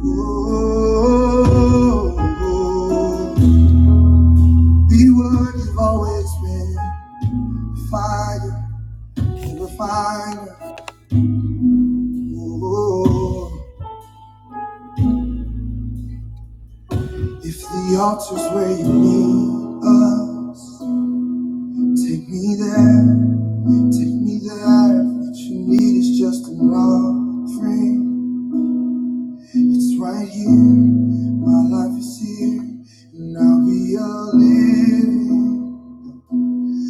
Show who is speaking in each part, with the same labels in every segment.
Speaker 1: Oh, oh, be what you've always been. Fire in the fire. Oh, if the altar's where you need us, take me there. Take me there. What you need is just an offering. It's right here. My life is here, and I'll be a living.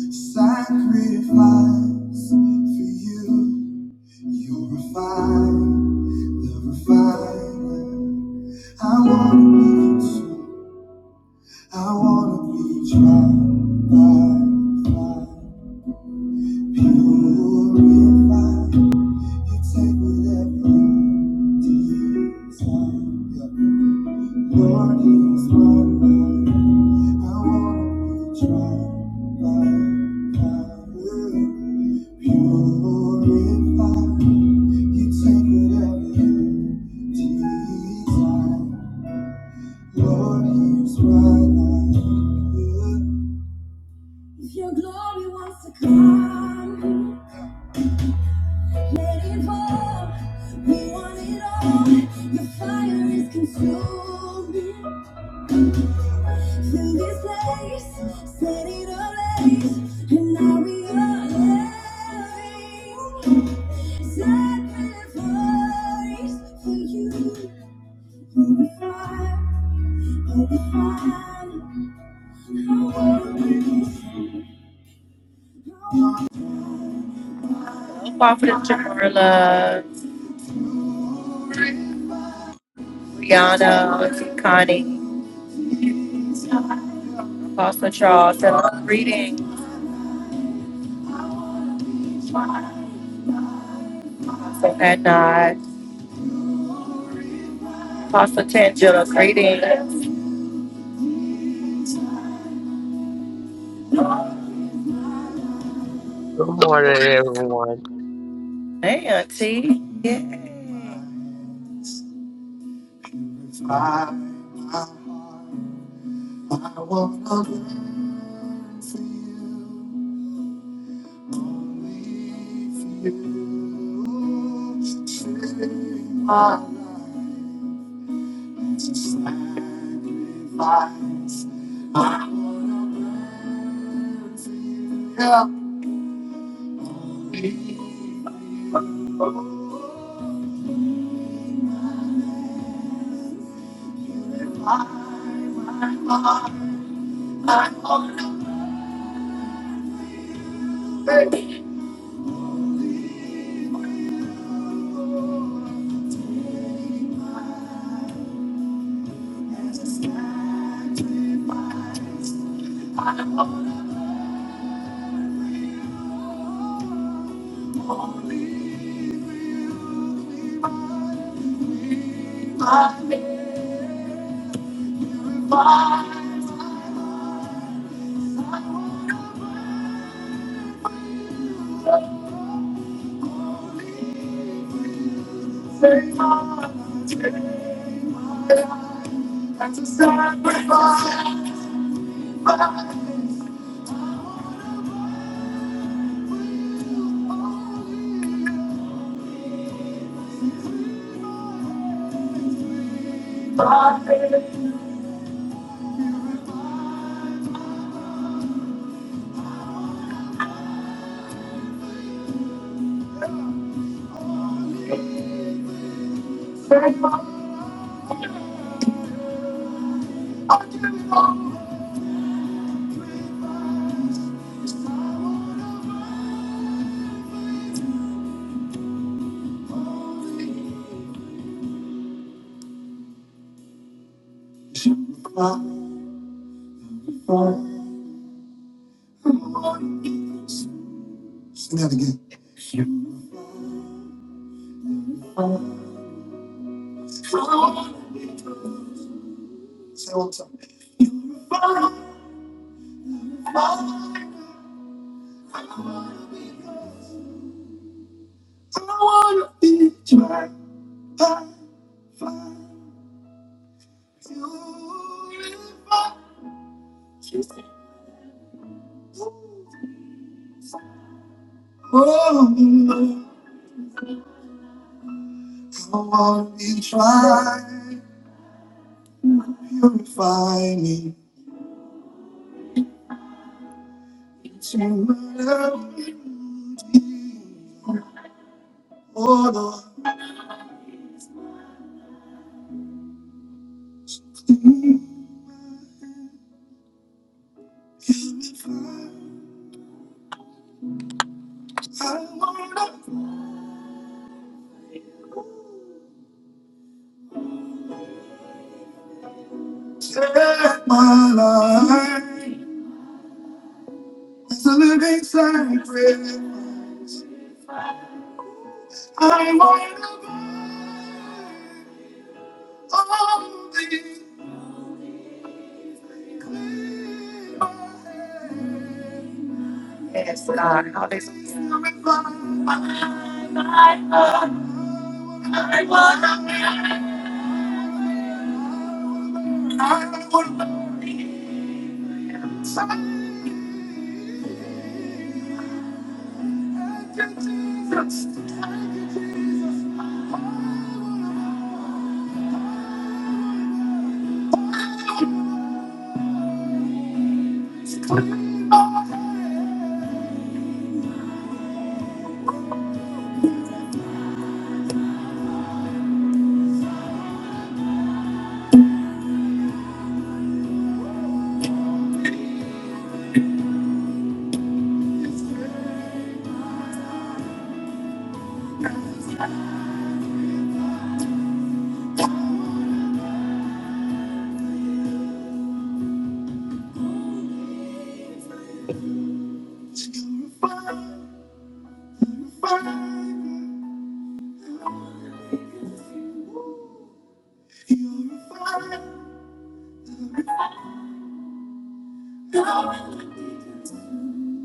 Speaker 1: Sacrifice for you. You're refined, the refiner. I wanna be consumed. I wanna be tried by fire. Purified. You take whatever you desire. Lord, here's my life. I wanna be tried by fire. Purify. You you take whatever you desire. Lord, use my life. If your glory wants to come, let it fall. We want it all. Your fire is consuming. Fill this place, set it ablaze, and now we are living. Sacrifice for you. Prophet Jamarla, Rihanna, Auntie Connie, Apostle Charles, greetings. Apostle Adnan, Apostle Tangela, greetings.
Speaker 2: Good morning, everyone.
Speaker 1: Hey, Auntie. I wanna burn for you. Sing that again. Say it one time. I wanna be tried by fire. You live by Oh, come on and try, purify me. Oh, Lord, I I wanna take my life as a living sacrifice. I wanna burn all the clean my hands. Yes, God. Hallelujah.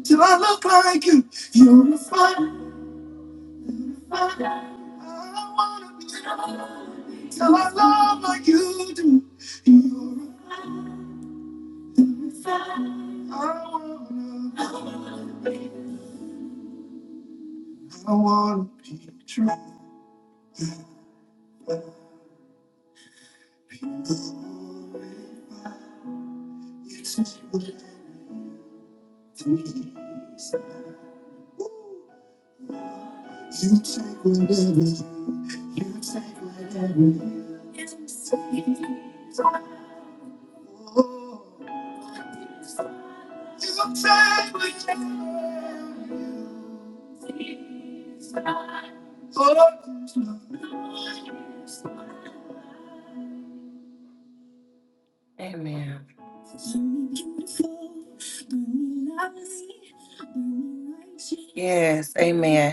Speaker 1: Till I look like you, you're a fire. I wanna be till I love like you do. You're a fire. I wanna I wanna be true. It's just what it is. You take whatever. You take whatever. Oh, You take whatever. Oh. Amen. Yes, amen.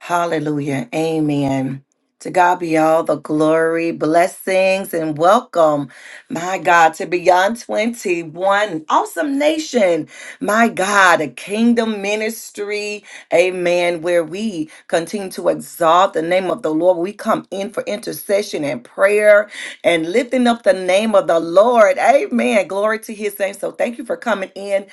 Speaker 1: Hallelujah. Amen. To God be all the glory, blessings, and welcome, my God, to Beyond 21, awesome nation, my God, a kingdom ministry, amen, where we continue to exalt the name of the Lord. We come in for intercession and prayer and lifting up the name of the Lord, amen. Glory to his name. So thank you for coming in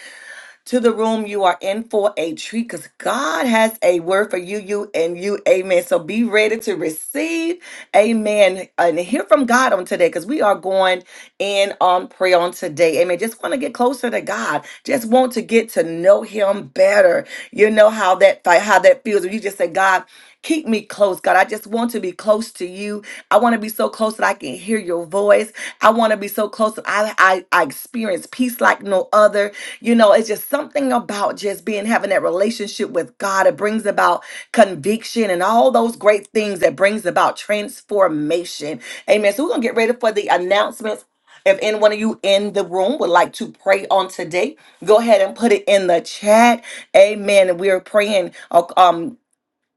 Speaker 1: to the room. You are in for a treat because God has a word for you, you, and you. Amen. So be ready to receive. Amen. And hear from God on today because we are going in on prayer on today. Amen. Just want to get closer to God. Just want to get to know Him better. You know how that how that feels. If you just say, God, keep me close, God. I just want to be close to you. I want to be so close that I can hear your voice. I want to be so close that I, I, I experience peace like no other. You know, it's just something about just being having that relationship with God. It brings about conviction and all those great things that brings about transformation. Amen. So we're gonna get ready for the announcements. If any one of you in the room would like to pray on today, go ahead and put it in the chat. Amen. And we are praying. uh, Um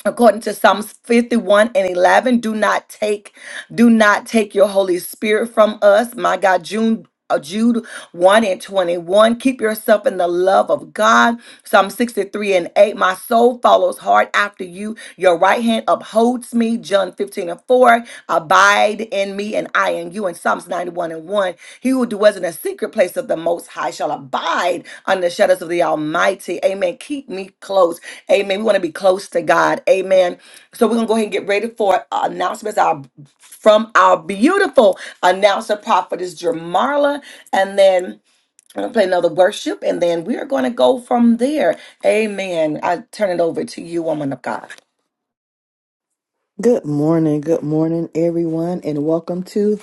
Speaker 1: according to psalms 51 and 11 do not take do not take your holy spirit from us my god june uh, Jude 1 and 21. Keep yourself in the love of God. Psalm 63 and 8. My soul follows hard after you. Your right hand upholds me. John 15 and 4. Abide in me and I in you. And Psalms 91 and 1. He who dwells in the secret place of the Most High shall abide under the shadows of the Almighty. Amen. Keep me close. Amen. We want to be close to God. Amen. So we're gonna go ahead and get ready for our announcements. Our from our beautiful announcer prophetess Jamarla, and then I'm gonna play another worship, and then we are gonna go from there. Amen. I turn it over to you, woman of God.
Speaker 3: Good morning, good morning, everyone, and welcome to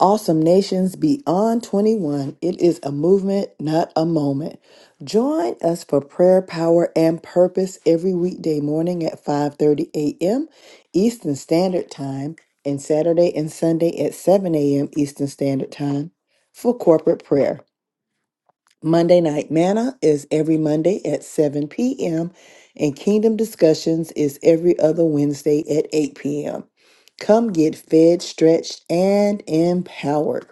Speaker 3: Awesome Nations Beyond 21. It is a movement, not a moment. Join us for prayer, power, and purpose every weekday morning at 5:30 a.m. Eastern Standard Time and Saturday and Sunday at 7 a.m. Eastern Standard Time for corporate prayer. Monday Night Manna is every Monday at 7 p.m., and Kingdom Discussions is every other Wednesday at 8 p.m. Come get fed, stretched, and empowered.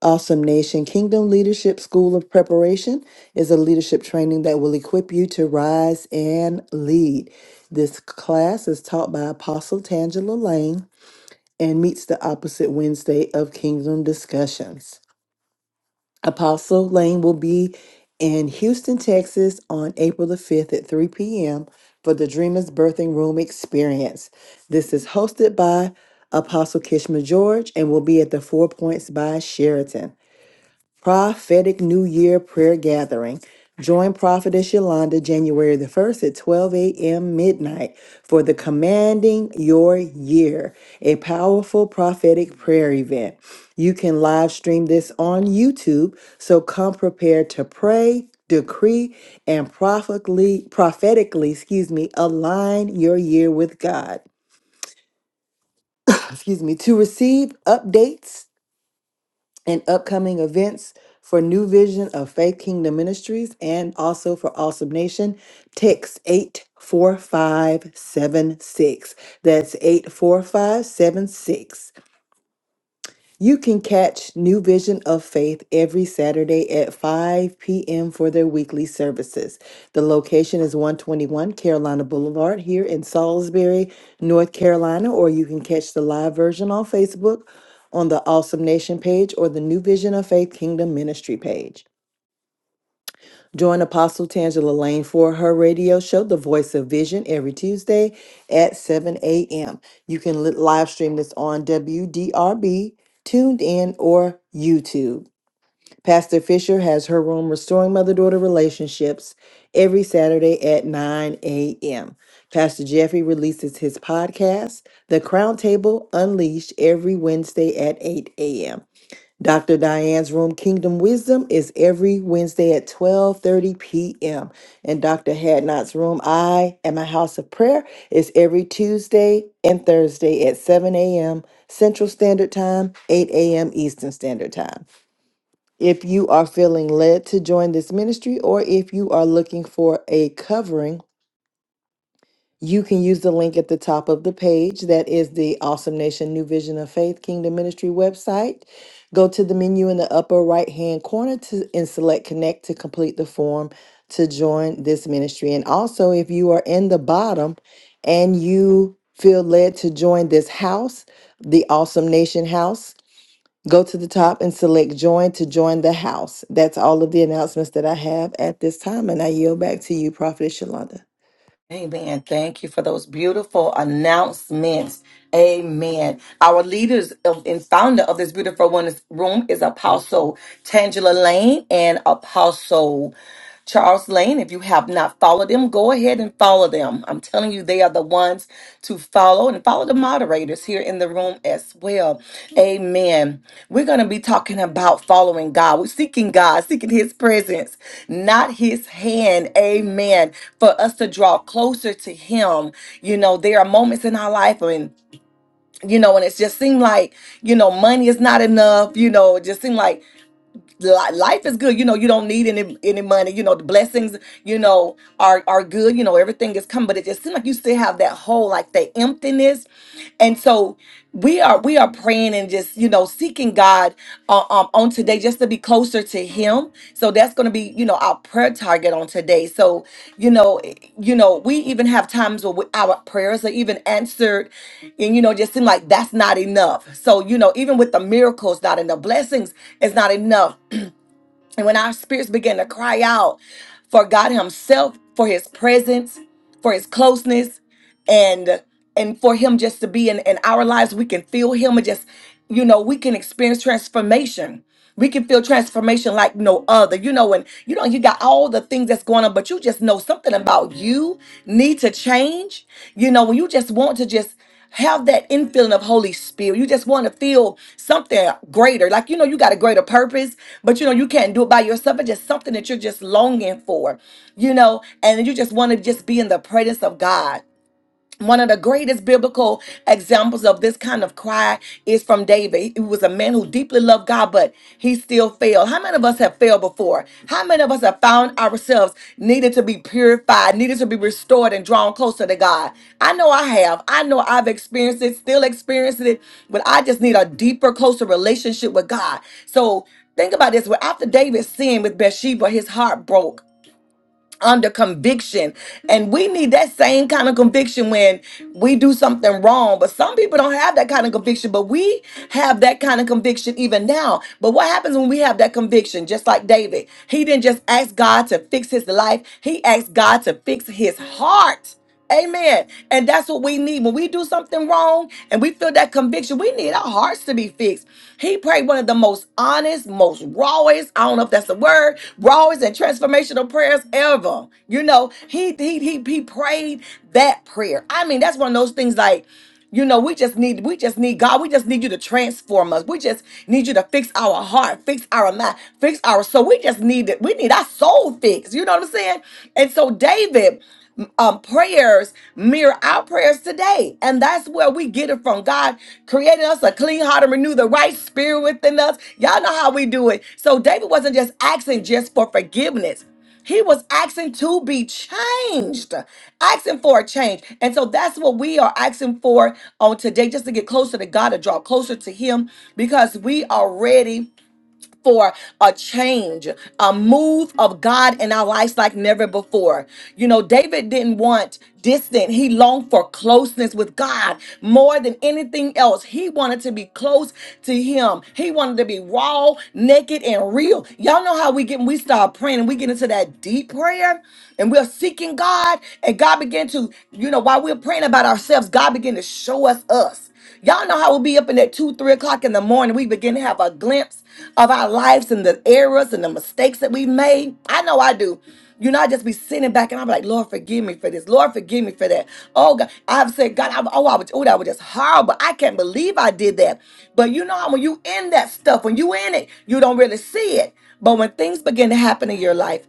Speaker 3: Awesome Nation Kingdom Leadership School of Preparation is a leadership training that will equip you to rise and lead. This class is taught by Apostle Tangela Lane and meets the opposite Wednesday of Kingdom Discussions. Apostle Lane will be in Houston, Texas on April the 5th at 3 p.m. for the Dreamers Birthing Room Experience. This is hosted by Apostle Kishma George and will be at the Four Points by Sheraton prophetic New Year prayer gathering. Join Prophetess Yolanda January the 1st at 12 a.m. midnight for the Commanding Your Year, a powerful prophetic prayer event. You can live stream this on YouTube, so come prepared to pray, decree, and prophetically, prophetically, excuse me, align your year with God. Excuse me, to receive updates and upcoming events for New Vision of Faith Kingdom Ministries and also for Awesome Nation, text 84576. That's 84576. You can catch New Vision of Faith every Saturday at 5 p.m. for their weekly services. The location is 121 Carolina Boulevard here in Salisbury, North Carolina, or you can catch the live version on Facebook on the Awesome Nation page or the New Vision of Faith Kingdom Ministry page. Join Apostle Tangela Lane for her radio show, The Voice of Vision, every Tuesday at 7 a.m. You can li- live stream this on WDRB, Tuned In, or YouTube. Pastor Fisher has her room, Restoring Mother Daughter Relationships, every Saturday at 9 a.m. Pastor Jeffrey releases his podcast, The Crown Table Unleashed, every Wednesday at 8 a.m. Dr. Diane's room, Kingdom Wisdom, is every Wednesday at 12:30 p.m. And Dr. Hadnot's room, I am a house of prayer, is every Tuesday and Thursday at 7 a.m. Central Standard Time, 8 a.m. Eastern Standard Time. If you are feeling led to join this ministry, or if you are looking for a covering, you can use the link at the top of the page. That is the Awesome Nation New Vision of Faith Kingdom Ministry website. Go to the menu in the upper right hand corner to, and select Connect to complete the form to join this ministry. And also, if you are in the bottom and you feel led to join this house, the Awesome Nation house, go to the top and select Join to join the house. That's all of the announcements that I have at this time. And I yield back to you, Prophet Shalonda.
Speaker 1: Amen. Thank you for those beautiful announcements. Amen. Our leaders of, and founder of this beautiful one room is Apostle Tangela Lane and Apostle Charles Lane. If you have not followed them, go ahead and follow them. I'm telling you, they are the ones to follow and follow the moderators here in the room as well. Amen. We're going to be talking about following God. We're seeking God, seeking His presence, not His hand. Amen for us to draw closer to him you know there are moments in our life when you know and it's just seemed like you know money is not enough you know it just seemed like li- life is good you know you don't need any any money you know the blessings you know are are good you know everything is coming but it just seemed like you still have that hole like that emptiness and so we are we are praying and just you know seeking God uh, um, on today just to be closer to Him. So that's going to be you know our prayer target on today. So you know eh, you know we even have times where we, our prayers are even answered, and you know just seem like that's not enough. So you know even with the miracles, not and the blessings it's not enough. And when our spirits begin to cry out for God Himself, for His presence, for His closeness, and and for Him just to be in, in our lives, we can feel Him and just, you know, we can experience transformation. We can feel transformation like no other. You know, and you know, you got all the things that's going on, but you just know something about you need to change. You know, when you just want to just have that infilling of Holy Spirit. You just want to feel something greater. Like, you know, you got a greater purpose, but you know, you can't do it by yourself. It's just something that you're just longing for, you know, and you just want to just be in the presence of God one of the greatest biblical examples of this kind of cry is from David. He was a man who deeply loved God, but he still failed. How many of us have failed before? How many of us have found ourselves needed to be purified, needed to be restored and drawn closer to God? I know I have. I know I've experienced it, still experiencing it, but I just need a deeper, closer relationship with God. So think about this. Well, after David sinned with Bathsheba, his heart broke under conviction. And we need that same kind of conviction when we do something wrong. But some people don't have that kind of conviction, but we have that kind of conviction even now. But what happens when we have that conviction? Just like David, he didn't just ask God to fix his life, he asked God to fix his heart. Amen. And that's what we need. When we do something wrong and we feel that conviction, we need our hearts to be fixed. He prayed one of the most honest, most rawest, I don't know if that's the word, rawest and transformational prayers ever. You know, he he he, he prayed that prayer. I mean, that's one of those things like you know, we just need, we just need God. We just need you to transform us. We just need you to fix our heart, fix our mind, fix our soul. We just need it. We need our soul fixed. You know what I'm saying? And so David, um, prayers mirror our prayers today, and that's where we get it from God creating us a clean heart and renew the right spirit within us. Y'all know how we do it. So David wasn't just asking just for forgiveness. He was asking to be changed, asking for a change. And so that's what we are asking for on today, just to get closer to God, to draw closer to Him, because we are ready for a change, a move of God in our lives like never before. You know, David didn't want distant, he longed for closeness with God more than anything else. He wanted to be close to Him, he wanted to be raw, naked, and real. Y'all know how we get, we start praying and we get into that deep prayer and we're seeking God, and God began to, you know, while we're praying about ourselves, God began to show us us. Y'all know how we'll be up in that two, three o'clock in the morning. We begin to have a glimpse of our lives and the errors and the mistakes that we've made. I know I do. You know, I just be sitting back and I'm like, Lord, forgive me for this. Lord, forgive me for that. Oh God, I've said, God, i oh, I was, oh, that was just horrible. I can't believe I did that. But you know, when you in that stuff, when you in it, you don't really see it. But when things begin to happen in your life,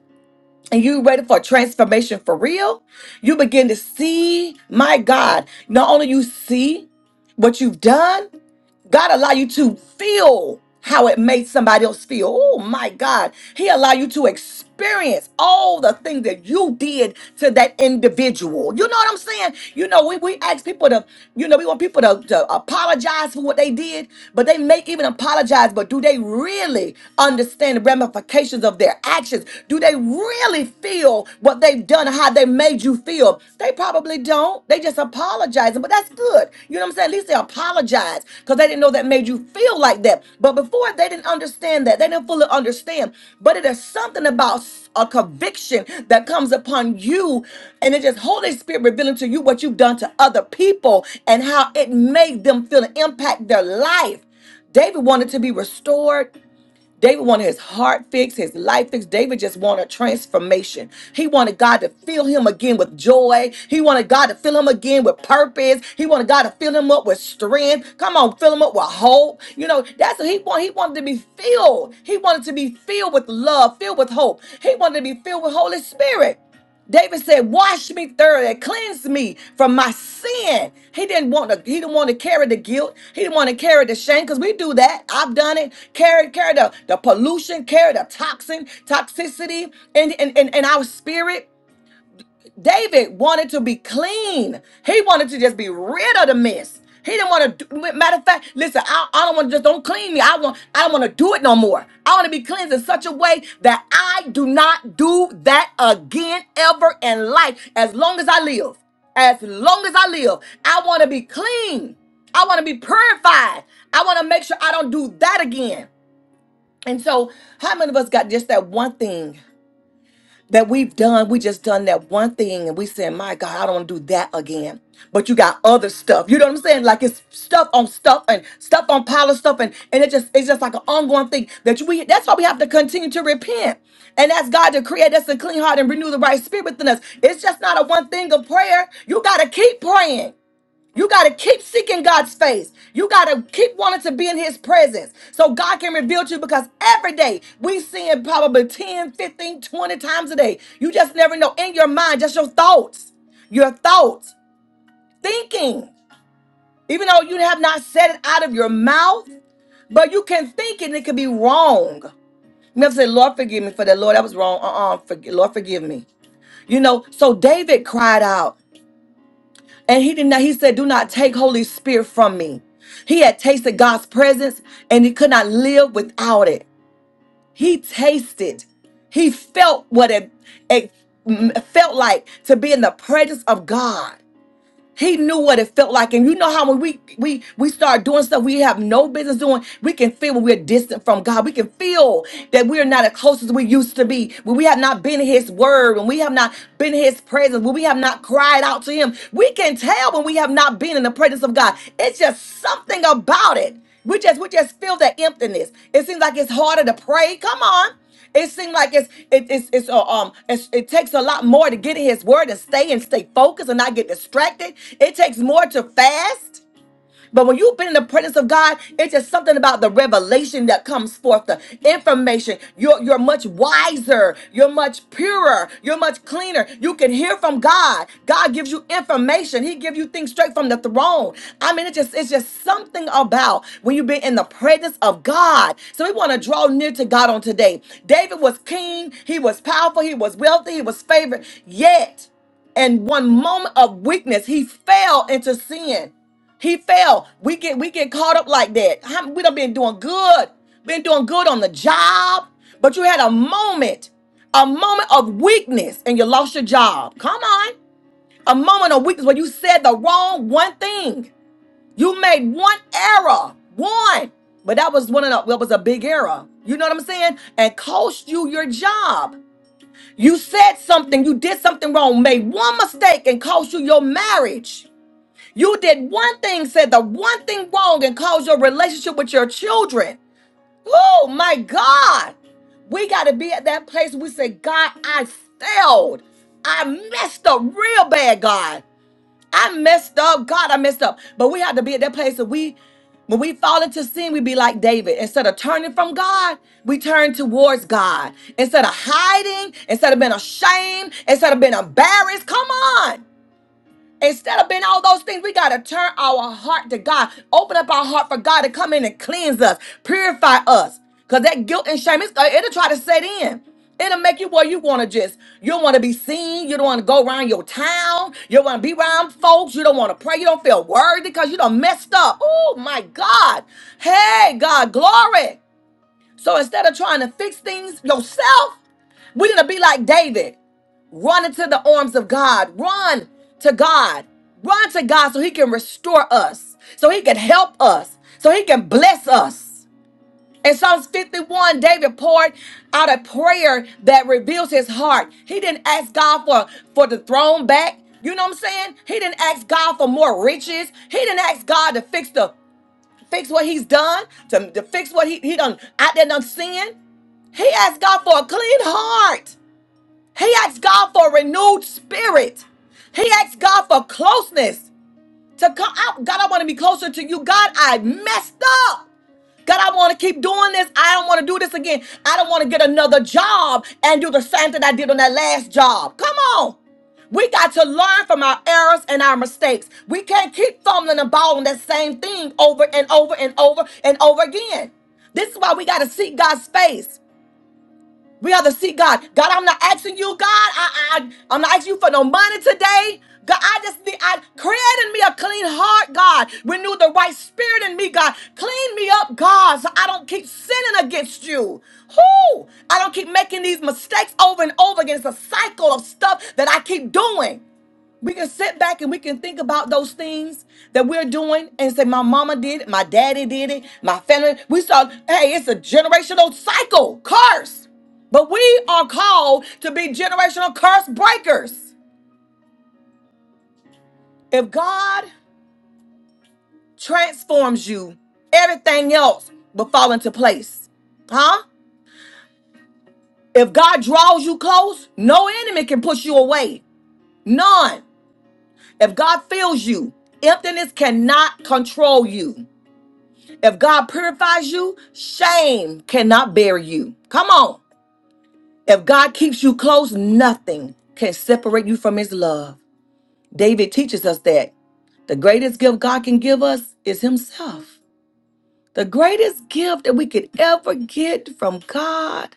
Speaker 1: and you ready for transformation for real, you begin to see, my God, not only you see what you've done, God allow you to feel how it made somebody else feel. Oh my God. He allow you to experience all the things that you did to that individual. You know what I'm saying? You know, we, we ask people to, you know, we want people to, to apologize for what they did. But they may even apologize, but do they really understand the ramifications of their actions? Do they really feel what they've done, how they made you feel? They probably don't. They just apologizing, but that's good. You know what I'm saying? At least they apologize because they didn't know that made you made you feel like that. But before they didn't understand that, they didn't fully understand. But it is something about a conviction that comes upon you, and it just Holy Spirit revealing to you what you've done to other people and how it made them feel and impact their life. David wanted to be restored David wanted his heart fixed, his life fixed. David just wanted transformation. He wanted God to fill him again with joy. He wanted God to fill him again with purpose. He wanted God to fill him up with strength. Come on, fill him up with hope. You know, that's what he wanted. He wanted to be filled. He wanted to be filled with love, filled with hope. He wanted to be filled with Holy Spirit. David said, "Wash me thoroughly, cleanse me from my sin." He didn't want to. He didn't want to carry the guilt. He didn't want to carry the shame because we do that. I've done it. Carry, carry the, the pollution, carry the toxin, toxicity, and in, in, in in our spirit. David wanted to be clean. He wanted to just be rid of the mess. He didn't want to. Matter of fact, listen, I, I don't want to just don't clean me. I want. I don't want to do it no more. I want to be cleansed in such a way that I do not do that again ever in life. As long as I live, as long as I live, I want to be clean. I want to be purified. I want to make sure I don't do that again. And so, how many of us got just that one thing? that we've done, we just done that one thing and we said, My God, I don't want to do that again. But you got other stuff. You know what I'm saying? Like it's stuff on stuff and stuff on pile of stuff and, and it just it's just like an ongoing thing that you, we that's why we have to continue to repent and ask God to create us a clean heart and renew the right spirit within us. It's just not a one thing of prayer. You gotta keep praying. You got to keep seeking God's face. You got to keep wanting to be in his presence so God can reveal to you because every day we see it probably 10, 15, 20 times a day. You just never know in your mind, just your thoughts, your thoughts, thinking. Even though you have not said it out of your mouth, but you can think it and it could be wrong. You never say, Lord, forgive me for that. Lord, that was wrong. Uh-uh. Forg- Lord, forgive me. You know, so David cried out. And he did not, he said, Do not take Holy Spirit from me. He had tasted God's presence and he could not live without it. He tasted, he felt what it, it felt like to be in the presence of God. He knew what it felt like, and you know how when we we we start doing stuff we have no business doing, we can feel when we're distant from God. We can feel that we are not as close as we used to be. When we have not been in His Word, when we have not been in His presence, when we have not cried out to Him, we can tell when we have not been in the presence of God. It's just something about it. We just we just feel that emptiness. It seems like it's harder to pray. Come on. It seems like it's it, it's it's uh, um it's, it takes a lot more to get in His Word and stay and stay focused and not get distracted. It takes more to fast. But when you've been in the presence of God, it's just something about the revelation that comes forth, the information. You're, you're much wiser. You're much purer. You're much cleaner. You can hear from God. God gives you information. He gives you things straight from the throne. I mean, it just it's just something about when you've been in the presence of God. So we want to draw near to God on today. David was king. He was powerful. He was wealthy. He was favored. Yet in one moment of weakness, he fell into sin. He fell. We get we get caught up like that. How- We done been doing good, been doing good on the job, but you had a moment, a moment of weakness, and you lost your job. Come on, a moment of weakness where you said the wrong one thing. You made one error, one, but that was one of the, that was a big error. You know what I'm saying? And cost you your job. You said something, you did something wrong, made one mistake, and cost you your marriage. You did one thing, said the one thing wrong, and caused your relationship with your children. Oh my God. We got to be at that place we say, God, I failed. I messed up real bad, God. I messed up. God, I messed up. But we have to be at that place that we, when we fall into sin, we be like David. Instead of turning from God, we turn towards God. Instead of hiding, instead of being ashamed, instead of being embarrassed, come on. Instead of being all those things, we got to turn our heart to God. Open up our heart for God to come in and cleanse us, purify us. Because that guilt and shame, it's, uh, it'll try to set in. It'll make you where you want to just, you don't want to be seen. You don't want to go around your town. You don't want to be around folks. You don't want to pray. You don't feel worthy because you done messed up. Oh my God. Hey, God, glory. So instead of trying to fix things yourself, we need to be like David. Run into the arms of God. Run to God. Run to God so He can restore us, so He can help us, so He can bless us. In Psalms 51, David poured out a prayer that reveals his heart. He didn't ask God for, for the throne back. You know what I'm saying? He didn't ask God for more riches. He didn't ask God to fix the fix what he's done, to, to fix what he, he done out there done sin. He asked God for a clean heart. He asked God for a renewed spirit. He asked God for closeness to come out. God, I want to be closer to you. God, I messed up. God, I want to keep doing this. I don't want to do this again. I don't want to get another job and do the same thing I did on that last job. Come on. We got to learn from our errors and our mistakes. We can't keep fumbling the ball on that same thing over and over and over and over again. This is why we got to seek God's face. We have to see God. God, I'm not asking you, God. I, I, I'm not asking you for no money today. God, I just need, I create in me a clean heart, God. Renew the right spirit in me, God. Clean me up, God, so I don't keep sinning against you. Who? I don't keep making these mistakes over and over again. It's a cycle of stuff that I keep doing. We can sit back and we can think about those things that we're doing and say, My mama did it, my daddy did it, my family. We saw, hey, it's a generational cycle, curse. But we are called to be generational curse breakers. If God transforms you, everything else will fall into place. Huh? If God draws you close, no enemy can push you away. None. If God fills you, emptiness cannot control you. If God purifies you, shame cannot bury you. Come on. If God keeps you close, nothing can separate you from his love. David teaches us that the greatest gift God can give us is himself. The greatest gift that we could ever get from God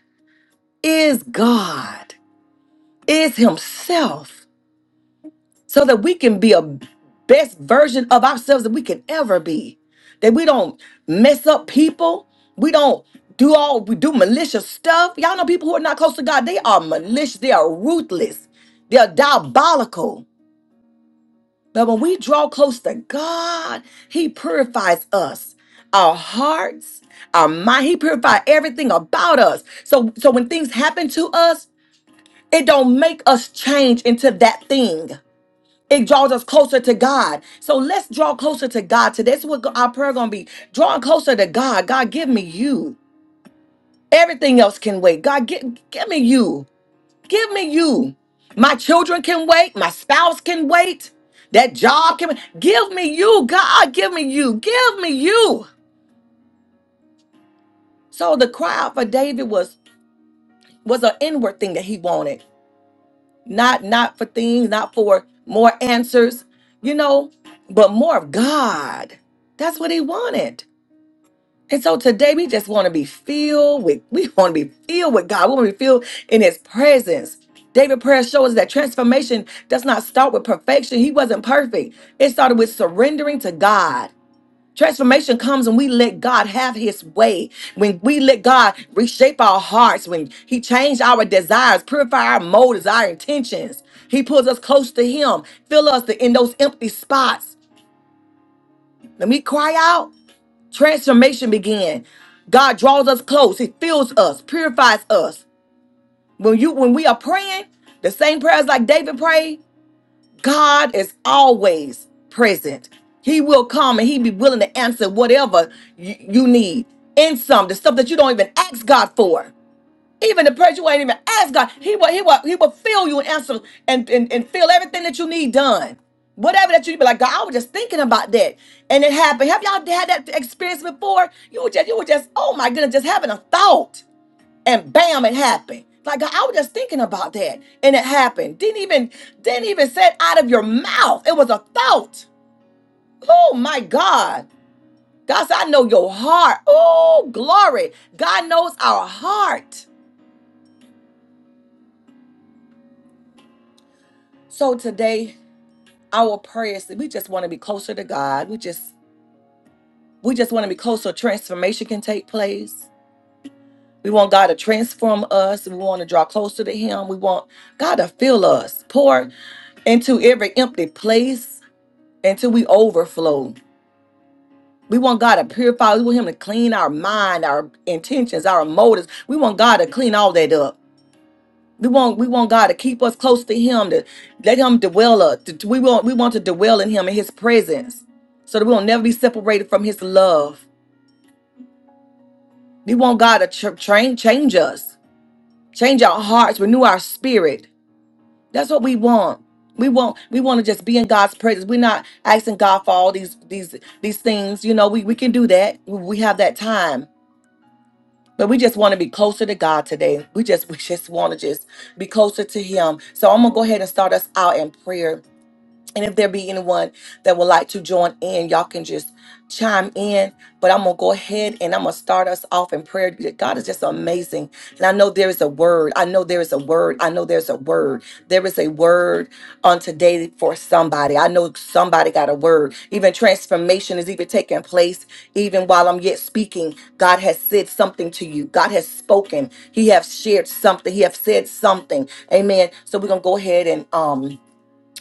Speaker 1: is God, is himself. so that we can be a best version of ourselves that we can ever be. That we don't mess up people. We don't do all we do malicious stuff. Y'all know people who are not close to God, they are malicious, they are ruthless, they are diabolical. But when we draw close to God, He purifies us, our hearts, our mind. He purifies everything about us. So so when things happen to us, it don't make us change into that thing it draws us closer to God. So let's draw closer to God today. That's what our prayer gonna be. Drawing closer to God. God, give me you. Everything else can wait. God, give, give me you. Give me you. My children can wait. My spouse can wait. That job can wait. Give me you, God. Give me you. Give me you. So the cry out for David was was an inward thing that he wanted. Not not for things, not for more answers, you know, but more of God. That's what he wanted. And so today we just want to be filled with, we want to be filled with God. We want to be filled in his presence. David's prayer shows us that transformation does not start with perfection. He wasn't perfect. It started with surrendering to God. Transformation comes when we let God have his way, when we let God reshape our hearts, when he changed our desires, purify our motives, our intentions. He pulls us close to him, fill us in those empty spots. Let me cry out transformation begin god draws us close he fills us purifies us when you when we are praying the same prayers like david prayed god is always present he will come and he be willing to answer whatever you, you need in some the stuff that you don't even ask god for even the prayers you ain't even ask God, He will, He will, He will fill you and answer and, and, and fill everything that you need done. Whatever that you need, be like, God, I was just thinking about that. And it happened. Have y'all had that experience before? You were just, you were just, oh my goodness, just having a thought. And bam, it happened. Like God, I was just thinking about that. And it happened. Didn't even, didn't even say it out of your mouth. It was a thought. Oh my God. God said, I know your heart. Oh, glory. God knows our heart. So today, our prayers we just want to be closer to God. We just we just want to be closer. Transformation can take place. We want God to transform us. We want to draw closer to Him. We want God to fill us, pour into every empty place until we overflow. We want God to purify. We want Him to clean our mind, our intentions, our motives. We want God to clean all that up We want we want God to keep us close to Him, to let Him dwell us. to- we want we want to dwell in Him in His presence, so that we will never be separated from His love. We want God to ch- train change us, change our hearts, renew our spirit. That's what we want. We want we want to just be in God's presence. We're not asking God for all these these these things. You know, we we can do that. We we have that time. But we just want to be closer to God today. We just we just want to just be closer to Him. So I'm gonna go ahead and start us out in prayer. And if there be anyone that would like to join in, y'all can just chime in. But I'm going to go ahead and I'm going to start us off in prayer. God is just amazing. And I know there is a word. I know there is a word. I know there's a word. There is a word on today for somebody. I know somebody got a word. Even transformation is even taking place. Even while I'm yet speaking, God has said something to you. God has spoken. He has shared something. He has said something. Amen. So we're going to go ahead and. um.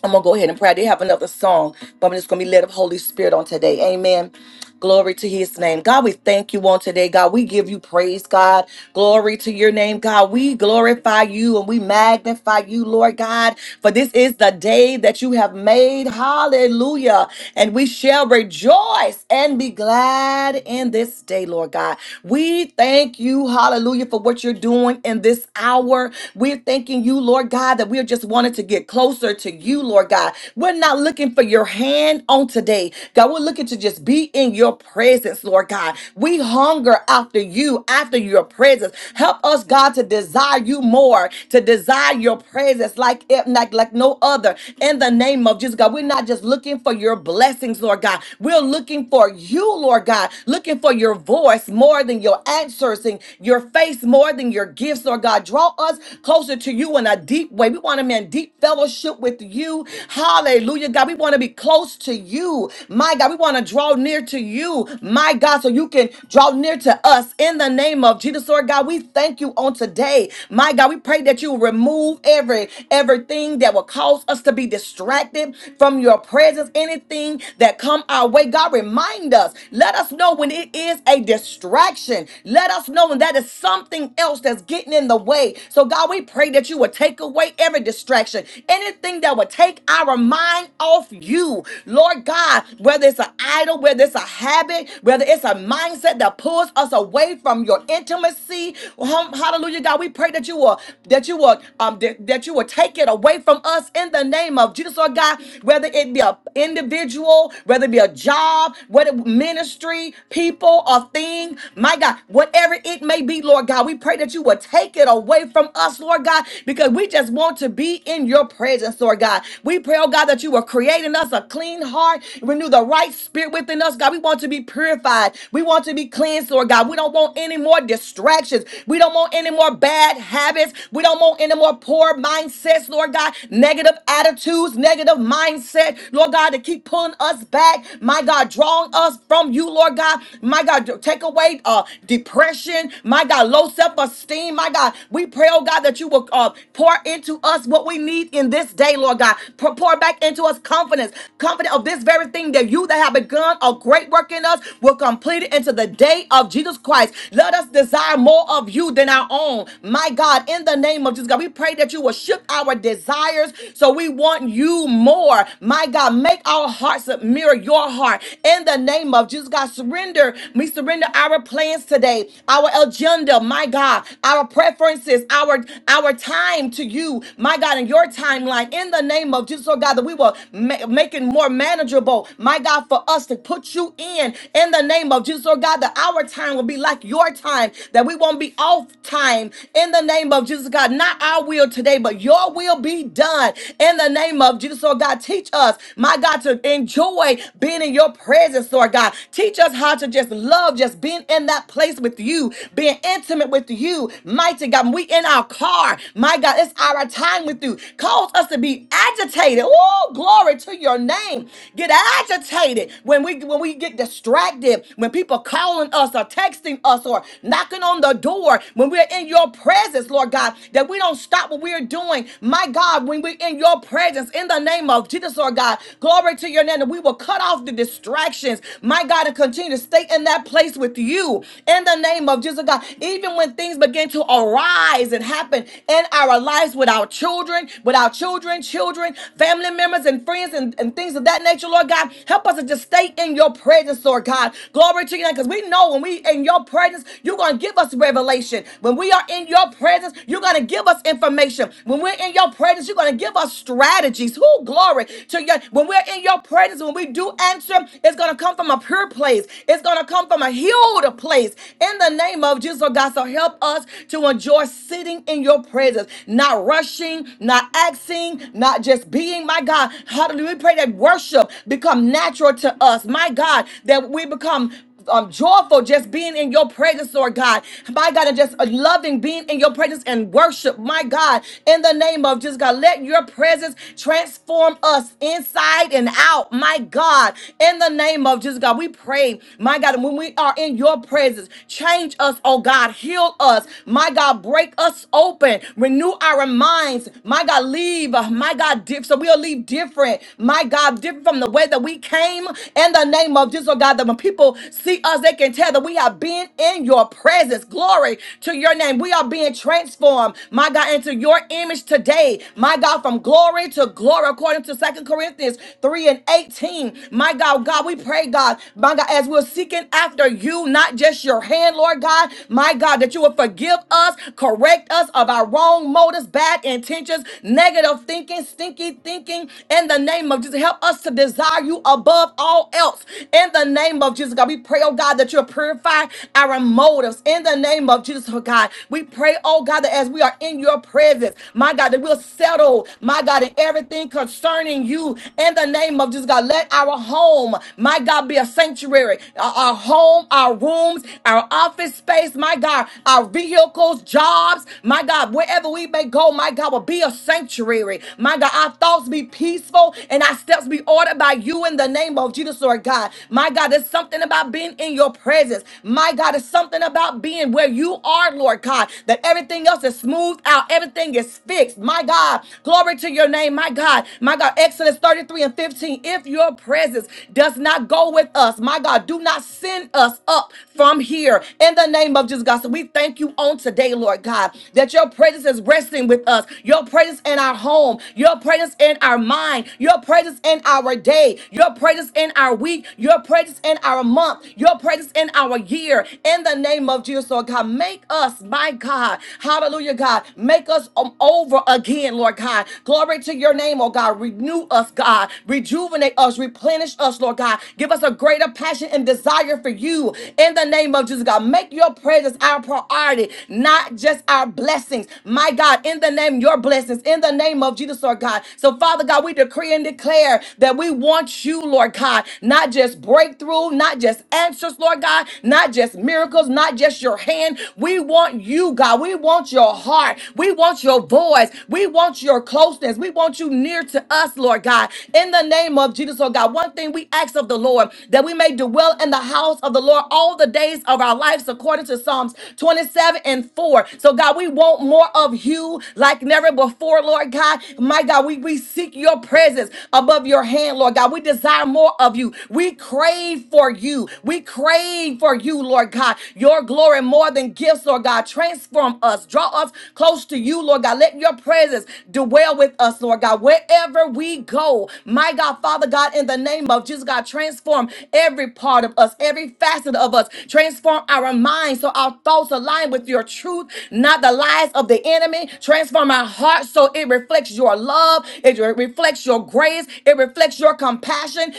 Speaker 1: I'm gonna go ahead and pray. I did have another song, but I'm just gonna be led of Holy Spirit on today. Amen. Glory to his name. God, we thank you on today. God, we give you praise, God. Glory to your name, God. We glorify you and we magnify you, Lord God. For this is the day that you have made. Hallelujah. And we shall rejoice and be glad in this day, Lord God. We thank you, hallelujah, for what you're doing in this hour. We're thanking you, Lord God, that we're just wanting to get closer to you, Lord God. We're not looking for your hand on today, God. We're looking to just be in your presence, Lord God. We hunger after you, after your presence. Help us, God, to desire you more, to desire your presence like, like, like no other. In the name of Jesus, God, we're not just looking for your blessings, Lord God. We're looking for you, Lord God, looking for your voice more than your answers and your face more than your gifts, Lord God. Lord God. Draw us closer to you in a deep way. We want to be in deep fellowship with you. Hallelujah, God. We want to be close to you. My God, we want to draw near to you. My God, so you can draw near to us in the name of Jesus, Lord God. We thank you on today. My God, we pray that you remove every everything that will cause us to be distracted from your presence. Anything that come our way, God, remind us. Let us know when it is a distraction. Let us know when that is something else else that's getting in the way. So, God, we pray that you would take away every distraction, anything that would take our mind off you. Lord God, whether it's an idol, whether it's a habit, whether it's a mindset that pulls us away from your intimacy. Hum- Hallelujah, God. We pray that you will that you will um that that you will take it away from us in the name of Jesus, Lord God, whether it be a individual, whether it be a job, whether ministry, people, or thing, my God, whatever it may may be, Lord God. We pray that you will take it away from us, Lord God, because we just want to be in your presence, Lord God. We pray, oh God, that you will create in us a clean heart, renew the right spirit within us, God. We want to be purified. We want to be cleansed, Lord God. We don't want any more distractions. We don't want any more bad habits. We don't want any more poor mindsets, Lord God. Negative attitudes, negative mindset, Lord God, to keep pulling us back. My God, drawing us from you, Lord God. My God, take away uh, depression, my God, low self esteem, my God. We pray, oh God, that you will uh, pour into us what we need in this day, Lord God. Pour pour back into us confidence, confident of this very thing that you that have begun a great work in us will complete it into the day of Jesus Christ. Let us desire more of you than our own, my God, in the name of Jesus, God. We pray that you will shift our desires so we want you more, my God. Make our hearts mirror your heart in the name of Jesus, God. Surrender, we surrender surrender our plans today, our agenda, my God, our preferences, our our time to you, my God, and your timeline in the name of Jesus, oh God, that we will ma- make it more manageable, my God, for us to put you in in the name of Jesus, oh God, that our time will be like your time, that we won't be off time in the name of Jesus, God, not our will today, but your will be done in the name of Jesus, oh God, teach us, my God, to enjoy being in your presence, Lord God, teach us how to to just love, just being in that place with you, being intimate with you. Mighty God, we in our car, my God, it's our time with you. Cause us to be agitated. Oh, glory to your name. Get agitated when we when we get distracted, when people calling us or texting us or knocking on the door, when we're in your presence, Lord God, that we don't stop what we're doing. My God, when we're in your presence, in the name of Jesus, Lord God, glory to your name, that we will cut off the distractions my God, and continue to stay in that place with you in the name of Jesus, God. Even when things begin to arise and happen in our lives with our children, with our children, children, family members, and friends, and, and things of that nature, Lord God, help us to just stay in your presence, Lord God. Glory to you, because we know when we in your presence, you're going to give us revelation. When we are in your presence, you're going to give us information. When we're in your presence, you're going to give us strategies. Who glory to you. When we're in your presence, when we do answer it's going to come from a pure place. It's going to come from a healed place. In the name of Jesus, oh God, so help us to enjoy sitting in your presence, not rushing, not acting, not just being, my God. Hallelujah. We pray that worship become natural to us, my God, that we become um, joyful just being in your presence, Lord God. My God, and just loving being in your presence and worship, my God, in the name of just God, let your presence transform us inside and out, my God, in the name of just God. We pray, my God, and when we are in your presence, change us, oh God, heal us, my God, break us open, renew our minds, my God, leave, uh, my God, diff- so we'll leave different, my God, different from the way that we came in the name of Jesus, oh God, that when people people see us, they can tell that we have been in your presence. Glory to your name. We are being transformed, my God, into your image today. My God, from glory to glory, according to Second Corinthians 3 and 18. My God, God, we pray, God, my God, as we're seeking after you, not just your hand, Lord God, my God, that you will forgive us, correct us of our wrong motives, bad intentions, negative thinking, stinky thinking, in the name of Jesus. Help us to desire you above all else, in the name of name of Jesus, God, we pray, oh God, that you'll purify our motives. In the name of Jesus, oh God, we pray, oh God, that as we are in your presence, my God, that we'll settle, my God, in everything concerning you. In the name of Jesus, God, let our home, my God, be a sanctuary. Our, our home, our rooms, our office space, my God, our vehicles, jobs, my God, wherever we may go, my God, will be a sanctuary. My God, our thoughts be peaceful and our steps be ordered by you in the name of Jesus, Lord God. My God. God, there's something about being in your presence. My God, there's something about being where you are, Lord God, that everything else is smoothed out, everything is fixed. My God, glory to your name, my God, my God. Exodus 33 and 15. If your presence does not go with us, my God, do not send us up from here in the name of Jesus, God. So we thank you on today, Lord God, that your presence is resting with us, your presence in our home, your presence in our mind, your presence in our day, your presence in our week, your presence presence in our month, your presence in our year. In the name of Jesus, Lord God, make us, my God, hallelujah, God, make us um, over again, Lord God. Glory to your name, oh God. Renew us, God. Rejuvenate us, replenish us, Lord God. Give us a greater passion and desire for you. In the name of Jesus, God, make your presence our priority, not just our blessings. My God, in the name, your blessings, in the name of Jesus, Lord God. So, Father God, we decree and declare that we want you, Lord God, not just just breakthrough, not just answers, Lord God, not just miracles, not just your hand. We want you, God. We want your heart. We want your voice. We want your closeness. We want you near to us, Lord God. In the name of Jesus, oh God, one thing we ask of the Lord that we may dwell in the house of the Lord all the days of our lives, according to Psalms 27 and 4. So, God, we want more of you like never before, Lord God. My God, we, we seek your presence above your hand, Lord God. We desire more of you. We crave for you. We crave for you, Lord God. Your glory more than gifts, Lord God. Transform us. Draw us close to you, Lord God. Let your presence dwell with us, Lord God. Wherever we go, my God, Father God, in the name of Jesus, God, transform every part of us, every facet of us. Transform our minds so our thoughts align with your truth, not the lies of the enemy. Transform our hearts so it reflects your love, it re- reflects your grace, it reflects your compassion.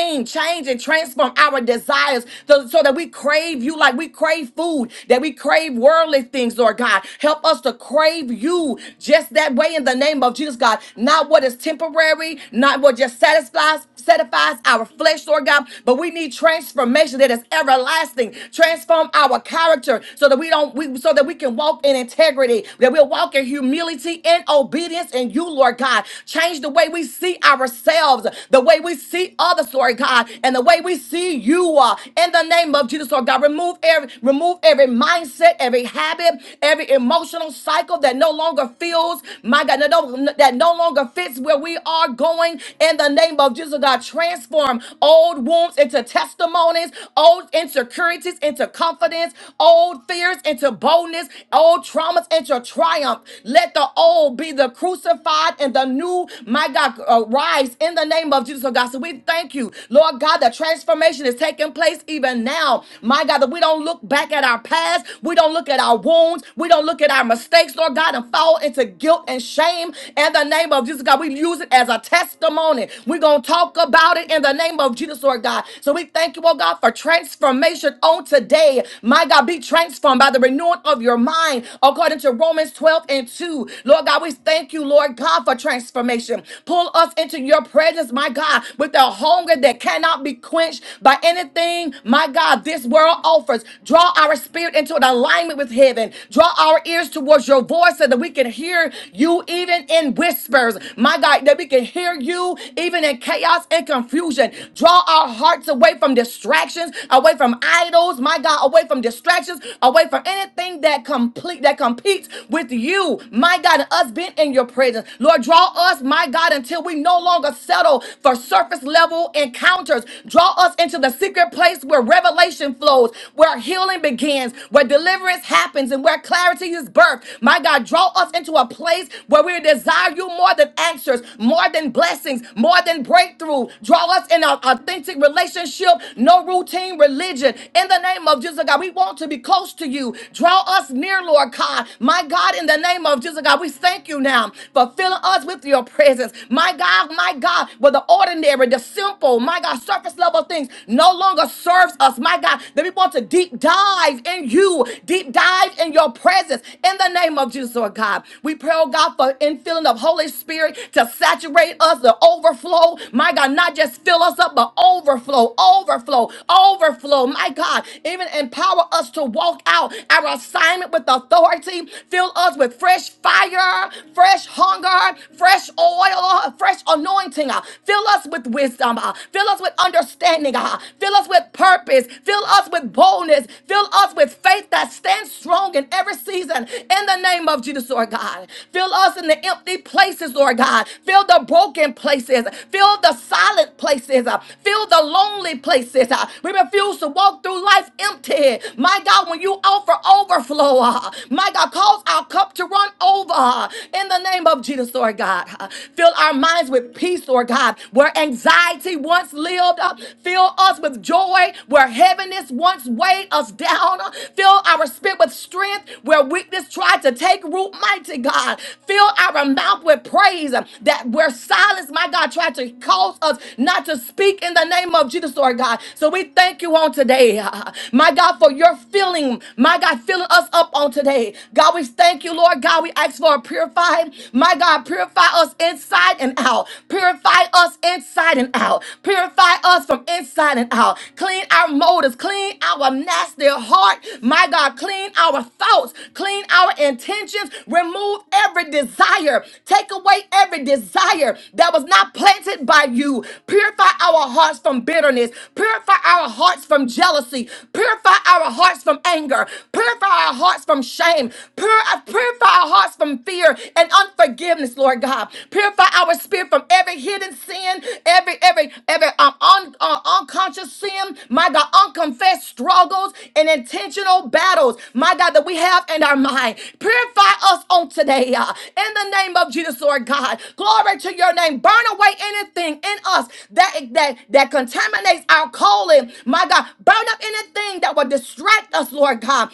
Speaker 1: Change, change, and transform our desires so, so that we crave you like we crave food, that we crave worldly things, Lord God. Help us to crave you just that way in the name of Jesus, God. Not what is temporary, not what just satisfies, satisfies our flesh, Lord God, but we need transformation that is everlasting. Transform our character so that we don't, we, so that we can walk in integrity, that we'll walk in humility and obedience in you, Lord God. Change the way we see ourselves, the way we see others others, Lord God, and the way we see you are. In the name of Jesus, Lord God, remove every remove every mindset, every habit, every emotional cycle that no longer feels, my God, that no, that no longer fits where we are going. In the name of Jesus, God, transform old wounds into testimonies, old insecurities into confidence, old fears into boldness, old traumas into triumph. Let the old be the crucified and the new, my God, arise in the name of Jesus, oh God. So we we thank you, Lord God, the transformation is taking place even now. My God, that we don't look back at our past, we don't look at our wounds, we don't look at our mistakes, Lord God, and fall into guilt and shame in the name of Jesus, God. We use it as a testimony. We're going to talk about it in the name of Jesus, Lord God. So we thank you, oh God, for transformation on today. My God, be transformed by the renewing of your mind according to Romans 12 and 2. Lord God, we thank you, Lord God, for transformation. Pull us into your presence, my God with a hunger that cannot be quenched by anything, my God, this world offers. Draw our spirit into an alignment with heaven. Draw our ears towards your voice so that we can hear you even in whispers. My God, that we can hear you even in chaos and confusion. Draw our hearts away from distractions, away from idols, my God, away from distractions, away from anything that complete that competes with you, my God, and us being in your presence. Lord, draw us, my God, until we no longer settle for or surface level encounters. Draw us into the secret place where revelation flows, where healing begins, where deliverance happens, and where clarity is birthed. My God, draw us into a place where we desire you more than answers, more than blessings, more than breakthrough. Draw us in an authentic relationship, no routine religion. In the name of Jesus, God, we want to be close to you. Draw us near, Lord God. My God, in the name of Jesus, God, we thank you now for filling us with your presence. My God, my God, with but the ordinary, the simple, my God, surface level things no longer serves us. My God, that we want to deep dive in you, deep dive in your presence. In the name of Jesus, Lord God, we pray, oh God, for infilling of Holy Spirit to saturate us, the overflow. My God, not just fill us up, but overflow, overflow, overflow. My God, even empower us to walk out our assignment with authority. Fill us with fresh fire, fresh hunger, fresh oil, fresh anointing anointing. uh, Fill us with wisdom. uh, Fill us with understanding. uh, Fill us with purpose. Fill us with boldness. Fill us with faith that stands strong in every season. In the name of Jesus, Lord God. Fill us in the empty places, Lord God. Fill the broken places. Fill the silent places. uh, Fill the lonely places. uh, We refuse to walk through life empty. My God, when you offer overflow, uh, my God, cause our cup to run over. uh, In the name of Jesus, Lord God. Uh, Fill our minds with peace peace, Lord God, where anxiety once lived, uh, fill us with joy, where heaviness once weighed us down, uh, fill our spirit with strength, where weakness tried to take root, mighty God, fill our mouth with praise, uh, that where silence, my God, tried to cause us not to speak in the name of Jesus, Lord God. So we thank you on today, uh, my God, for your filling, my God, filling us up on today. God, we thank you, Lord God. We ask for a purified, my God, purify us inside and out out. Purify us inside and out. Purify us from inside and out. Clean our motives. Clean our nasty heart. My God, clean our thoughts. Clean our intentions. Remove every desire. Take away every desire that was not planted by you. Purify our hearts from bitterness. Purify our hearts from jealousy. Purify our hearts from anger. Purify our hearts from shame. Pur- Purify our hearts from fear and unforgiveness, Lord God. Purify our spirits spirit from every hidden sin, every every every um, un, uh, unconscious sin, my God, unconfessed struggles and intentional battles, my God, that we have in our mind. Purify us on today, uh, in the name of Jesus, Lord God. Glory to your name. Burn away anything in us that that that contaminates our calling, my God. Burn up anything that will distract us, Lord God.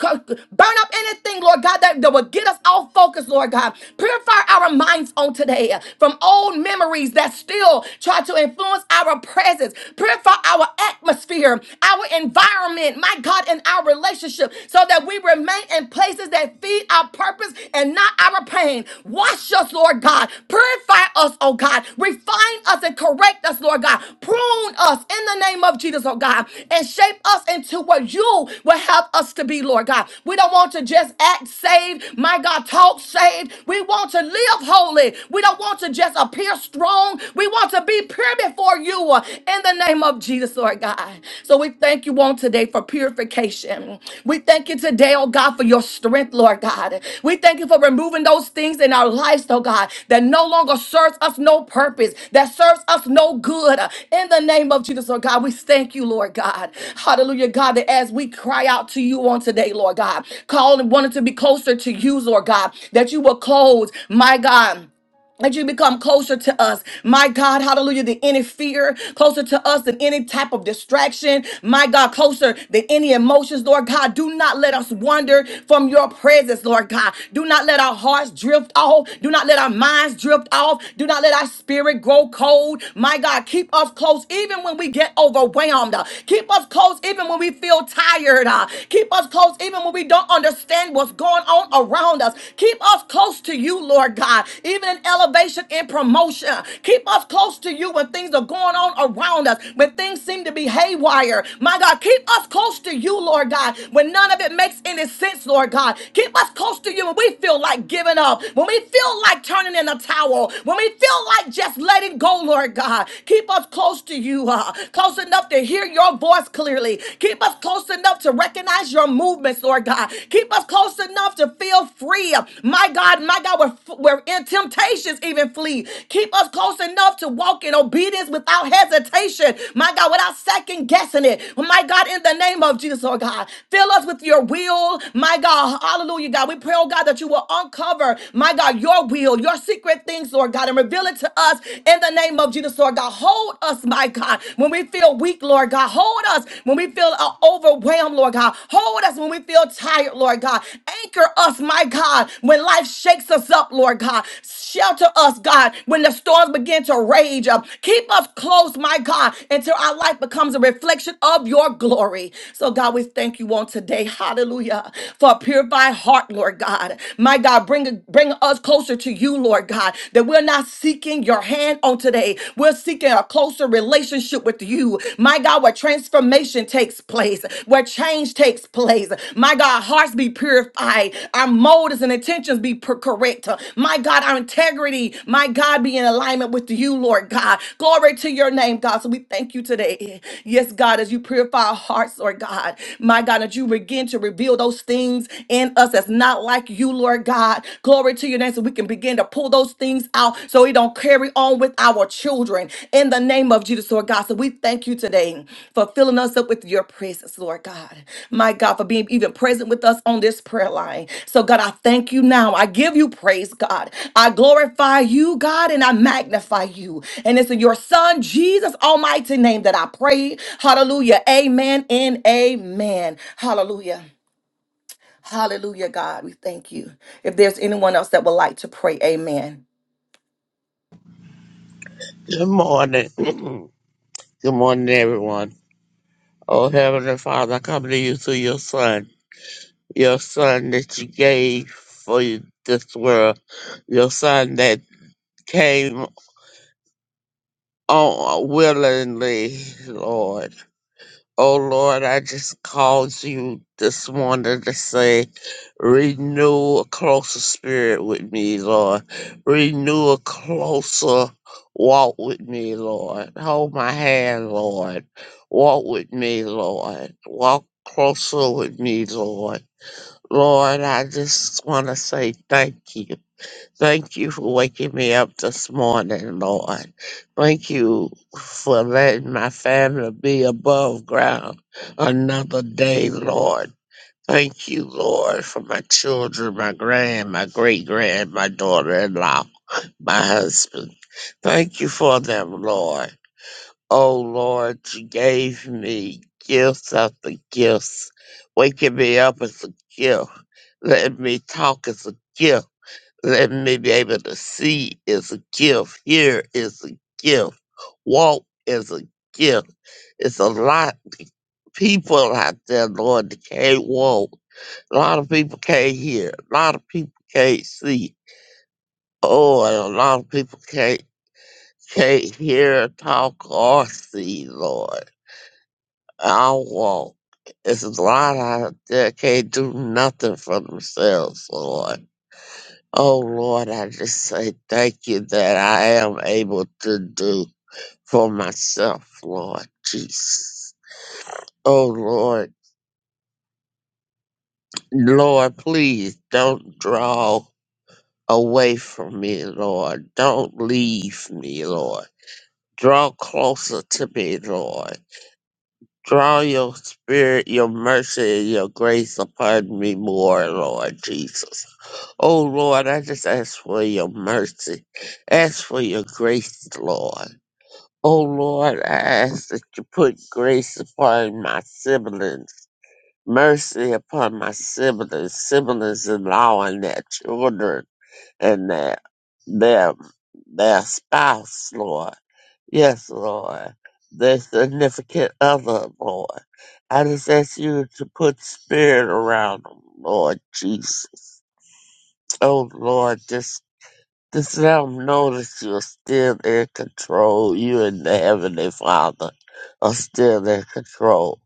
Speaker 1: Burn up anything, Lord God, that, that will get us off focus, Lord God. Purify our minds on today away from old memories that still try to influence our presence. Purify our atmosphere, our environment, my God, and our relationship so that we remain in places that feed our purpose and not our pain. Wash us, Lord God. Purify us, oh God. Refine us and correct us, Lord God. Prune us in the name of Jesus, oh God, and shape us into what you will have us to be, Lord God. We don't want to just act saved, my God, talk saved. We want to live holy. We don't want to just appear strong. We want to be pure before you uh, in the name of Jesus, Lord God. So we thank you on today for purification. We thank you today, oh God, for your strength, Lord God. We thank you for removing those things in our lives, oh God, that no longer serves us no purpose, that serves us no good. In the name of Jesus, Lord God, we thank you, Lord God. Hallelujah, God, that as we cry out to you on today, Lord God, calling, wanting to be closer to you, Lord God, that you will close, my God that you become closer to us. My God, hallelujah, than any fear, closer to us than any type of distraction. My God, closer than any emotions, Lord God. Do not let us wander from your presence, Lord God. Do not let our hearts drift off. Do not let our minds drift off. Do not let our spirit grow cold. My God, keep us close even when we get overwhelmed. Keep us close even when we feel tired. Uh, Keep us close even when we don't understand what's going on around us. Keep us close to you, Lord God, even in elevation and promotion. Keep us close to you when things are going on around us, when things seem to be haywire. My God, keep us close to you, Lord God, when none of it makes any sense, Lord God. Keep us close to you when we feel like giving up, when we feel like turning in a towel, when we feel like just letting go, Lord God. Keep us close to you, uh, close enough to hear your voice clearly. Keep us close enough to recognize your movements, Lord God. Keep us close enough to feel free. uh, my God, my God, where, where in temptations even flee. Keep us close enough to walk in obedience without hesitation. My God, without second guessing it. My God, in the name of Jesus, oh God, fill us with your will. My God, hallelujah, God. We pray, oh God, that you will uncover, my God, your will, your secret things, Lord God, and reveal it to us in the name of Jesus, Lord God. Hold us, my God, when we feel weak, Lord God. Hold us when we feel uh, overwhelmed, Lord God. Hold us when we feel tired, Lord God Anchor us, my God, when life shakes us up, Lord God. Shelter us, God, when the storms begin to rage up. Keep us close, my God, until our life becomes a reflection of your glory. So, God, we thank you on today. Hallelujah. For a purified heart, Lord God. My God, bring, bring us closer to you, Lord God, that we're not seeking your hand on today. We're seeking a closer relationship with you. My God, where transformation takes place, where change takes place. My God, hearts be purified. Our motives and intentions be per- correct. My God, our integrity, my God, be in alignment with you, Lord God. Glory to your name, God. So we thank you today. Yes, God, as you purify our hearts, Lord God. My God, that you begin to reveal those things in us that's not like you, Lord God. Glory to your name. So we can begin to pull those things out so we don't carry on with our children. In the name of Jesus, Lord God. So we thank you today for filling us up with your presence, Lord God my God, for being even present with us on this prayer line. So, God, I thank you now. I give you praise, God. I glorify you, God, and I magnify you. And it's in your Son, Jesus' almighty name, that I pray. Hallelujah. Amen and amen. Hallelujah. Hallelujah, God. We thank you. If there's anyone else that would like to pray, amen.
Speaker 2: Good morning. Good morning, everyone. Oh, Heavenly Father, I come to you through your Son, your Son that you gave for you- this world, your Son that came on willingly, Lord. Oh Lord, I just called you this morning to say, renew a closer spirit with me, Lord. Renew a closer walk with me, Lord. Hold my hand, Lord. Walk with me, Lord. Walk closer with me, Lord. Lord, I just want to say thank you. Thank you for waking me up this morning, Lord. Thank you for letting my family be above ground another day, Lord. Thank you, Lord, for my children, my grand, my great grand, my daughter in law, my husband. Thank you for them, Lord. Oh, Lord, you gave me gifts after gifts. Waking me up is a gift. Letting me talk is a gift let me be able to see is a gift. Hear is a gift. Walk is a gift. It's a lot of people out there, Lord, that can't walk. A lot of people can't hear. A lot of people can't see. Oh, and a lot of people can't can't hear, talk, or see, Lord. I'll walk. It's a lot out there can't do nothing for themselves, Lord. Oh Lord, I just say thank you that I am able to do for myself, Lord Jesus. Oh Lord, Lord, please don't draw away from me, Lord. Don't leave me, Lord. Draw closer to me, Lord. Draw your spirit, your mercy, and your grace upon me more, Lord Jesus. Oh Lord, I just ask for your mercy. Ask for your grace, Lord. O Lord, I ask that you put grace upon my siblings, mercy upon my siblings, siblings in law and their children and their their their spouse, Lord. Yes, Lord. Their significant other, Lord. I just ask you to put spirit around them, Lord Jesus. Oh Lord, just. Just let them know that you're still in control. You and the Heavenly Father are still in control.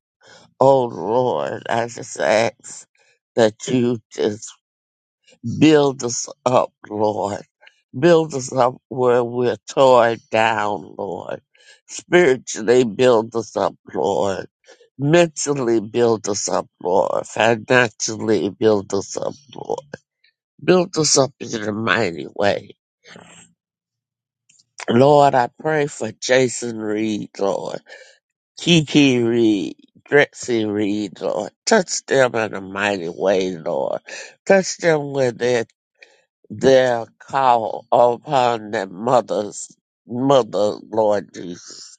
Speaker 2: Oh Lord, I just ask that you just build us up, Lord. Build us up where we're torn down, Lord. Spiritually build us up, Lord. Mentally build us up, Lord. Financially build us up, Lord. Build us up in a mighty way Lord, I pray for Jason Reed, Lord, Kiki Reed, Drexy Reed, Lord. Touch them in a mighty way, Lord. Touch them with their, their call upon their mother's mother, Lord Jesus.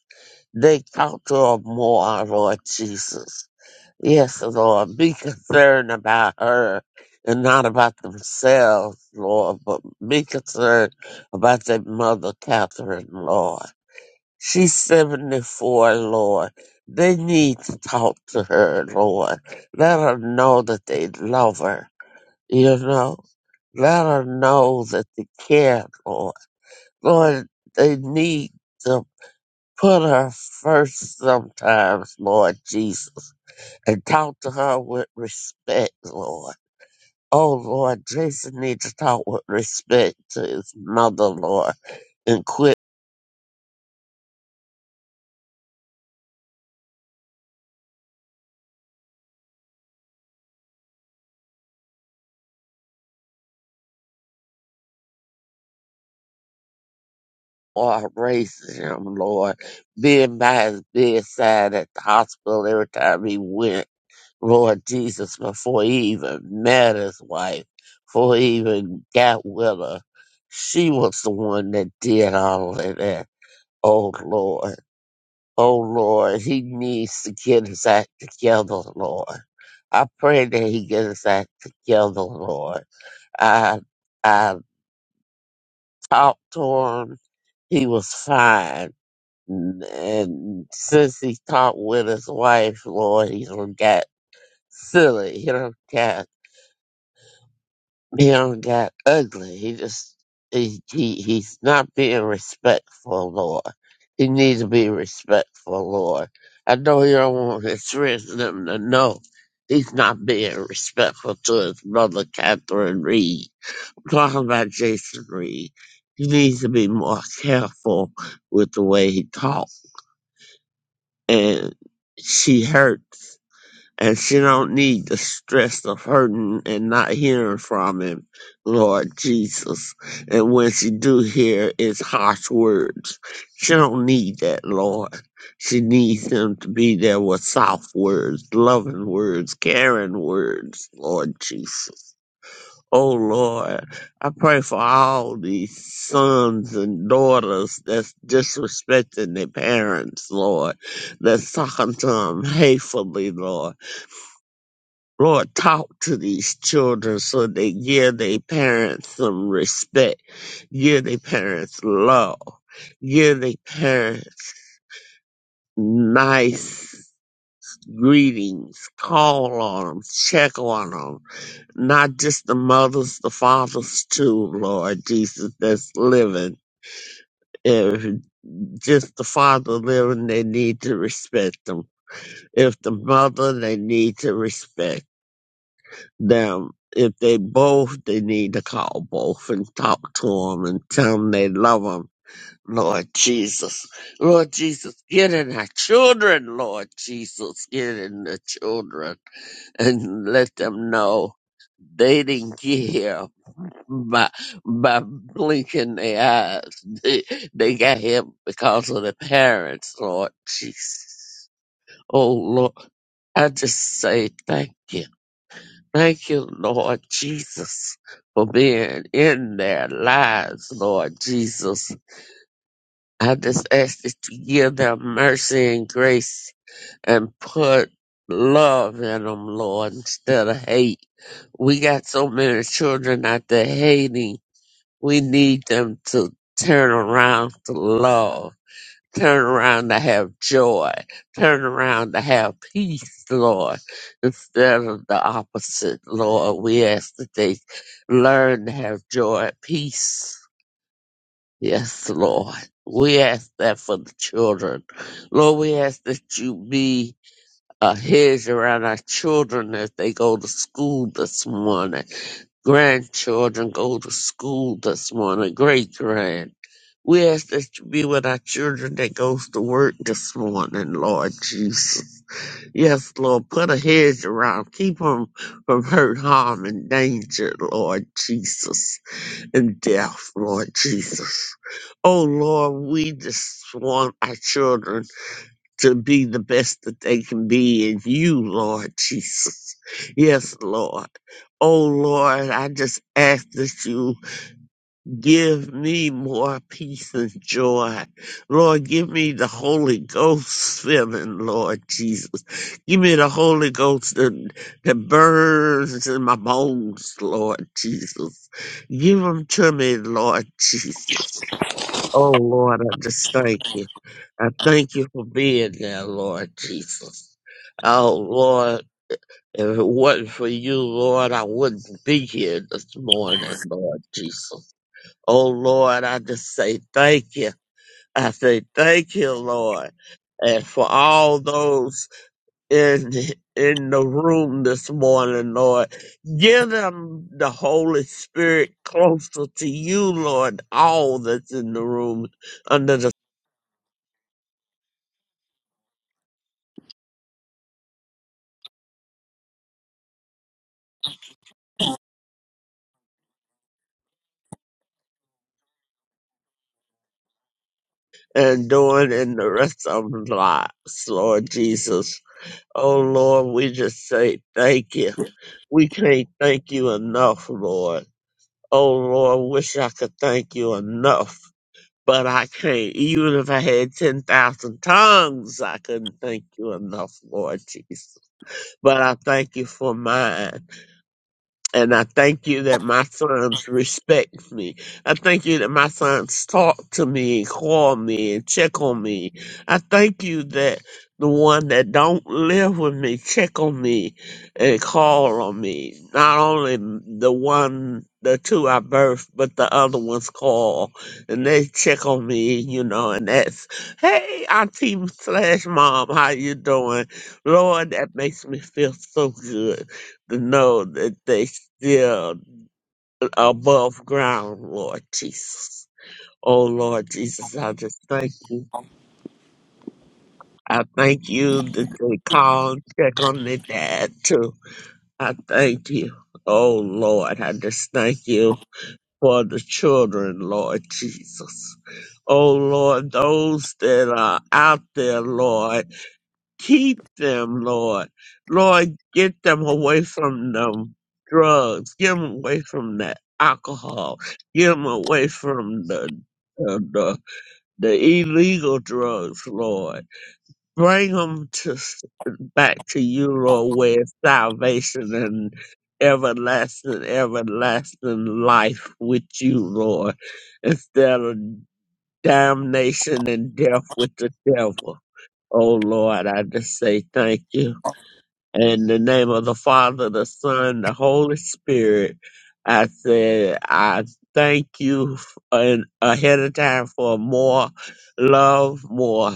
Speaker 2: They talk to her more, Lord Jesus. Yes, Lord. Be concerned about her and not about themselves, Lord, but be concerned about their mother, Catherine, Lord. She's 74, Lord. They need to talk to her, Lord. Let her know that they love her, you know? Let her know that they care, Lord. Lord, they need to put her first sometimes, Lord Jesus, and talk to her with respect, Lord. Oh, Lord, Jason needs to talk with respect to his mother, Lord, and quit. Lord, raising him, Lord, being by his bedside at the hospital every time he went, Lord Jesus, before he even met his wife, before he even got with her. She was the one that did all of that. Oh Lord, oh Lord, he needs to get his act together, Lord. I pray that he gets his act together, Lord. I I talked to him. He was fine and since he talked with his wife, Lord, he don't get silly. He don't get he don't get ugly. He just he, he he's not being respectful, Lord. He needs to be respectful, Lord. I know you don't want his friends and them to know he's not being respectful to his mother, Catherine Reed. I'm talking about Jason Reed. He needs to be more careful with the way he talks and she hurts and she don't need the stress of hurting and not hearing from him lord jesus and when she do hear it's harsh words she don't need that lord she needs him to be there with soft words loving words caring words lord jesus Oh Lord, I pray for all these sons and daughters that's disrespecting their parents, Lord, that's talking to them hatefully, Lord. Lord, talk to these children so they give their parents some respect, give their parents love, give their parents nice greetings, call on them, check on them not just the mothers, the fathers too, Lord Jesus, that's living. If just the father living, they need to respect them. If the mother, they need to respect them. If they both, they need to call both and talk to them and tell them they love them. Lord Jesus, Lord Jesus, get in our children, Lord Jesus, get in the children and let them know they didn't get here by by blinking their eyes. They, they got him because of the parents, Lord Jesus. Oh Lord, I just say thank you. Thank you, Lord Jesus, for being in their lives, Lord Jesus. I just ask that you give them mercy and grace and put love in them, Lord, instead of hate. We got so many children out there hating We need them to turn around to love, turn around to have joy, turn around to have peace, Lord, instead of the opposite, Lord. We ask that they learn to have joy peace. Yes, Lord. We ask that for the children. Lord, we ask that you be a hedge around our children as they go to school this morning grandchildren go to school this morning, great grand. We ask that you be with our children that goes to work this morning, Lord Jesus. Yes, Lord, put a hedge around, keep them from hurt, harm, and danger, Lord Jesus, and death, Lord Jesus. Oh, Lord, we just want our children to be the best that they can be in you, Lord Jesus. Yes, Lord. Oh, Lord, I just ask that you give me more peace and joy. Lord, give me the Holy Ghost feeling, Lord Jesus. Give me the Holy Ghost that, that burns in my bones, Lord Jesus. Give them to me, Lord Jesus. Oh, Lord, I just thank you. I thank you for being there, Lord Jesus. Oh, Lord, if it wasn't for you, Lord, I wouldn't be here this morning, Lord Jesus. Oh, Lord, I just say thank you. I say thank you, Lord. And for all those in, in the room this morning, Lord, give them the Holy Spirit closer to you, Lord, all that's in the room, under the. and doing in the rest of our lives, Lord Jesus. Oh Lord, we just say thank you. We can't thank you enough, Lord. Oh Lord, wish I could thank you enough, but I can't. Even if I had 10,000 tongues, I couldn't thank you enough, Lord Jesus. But I thank you for mine. And I thank you that my sons respect me. I thank you that my sons talk to me and call me and check on me. I thank you that the one that don't live with me check on me and call on me. Not only the one, the two I birthed, but the other ones call and they check on me, you know, and that's, hey, auntie slash mom, how you doing? Lord, that makes me feel so good to know that they still above ground, Lord Jesus. Oh Lord Jesus, I just thank you.
Speaker 4: I'm
Speaker 2: I thank you that they call and check on their dad too. I thank you. Oh Lord, I just thank you for the children, Lord Jesus. Oh Lord, those that are out there, Lord. Keep them, Lord. Lord, get them away from them drugs. Get them away from that alcohol. Get them away from the the, the, the illegal drugs, Lord. Bring them to, s- back to you, Lord, where it's salvation and everlasting, everlasting life with you, Lord, instead of damnation and death with the devil. Oh, Lord, I just say thank you. In the name of the Father, the Son, the Holy Spirit, I said, I thank you f- in, ahead of time for more love, more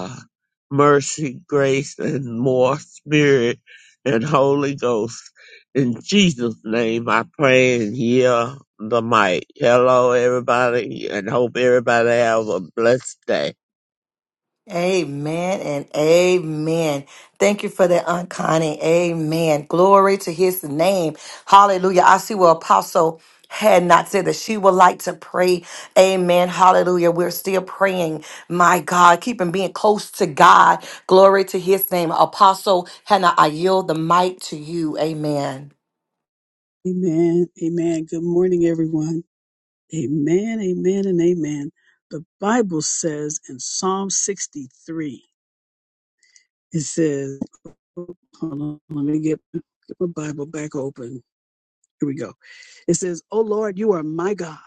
Speaker 2: mercy, grace, and more spirit and Holy Ghost. In Jesus' name, I pray and hear the mic. Hello, everybody, and hope everybody have a blessed day.
Speaker 1: Amen and amen. Thank you for that, Aunt Connie. Amen. Glory to his name. Hallelujah. I see where Apostle had not said that she would like to pray. Amen. Hallelujah. We're still praying. My God, keeping being close to God. Glory to his name. Apostle Hannah, I yield the mic to you. Amen.
Speaker 5: Amen. Amen. Good morning, everyone. Amen. Amen. And amen. The Bible says in Psalm 63, it says, hold on, let me get, get my Bible back open. Here we go. It says, Oh Lord, you are my God.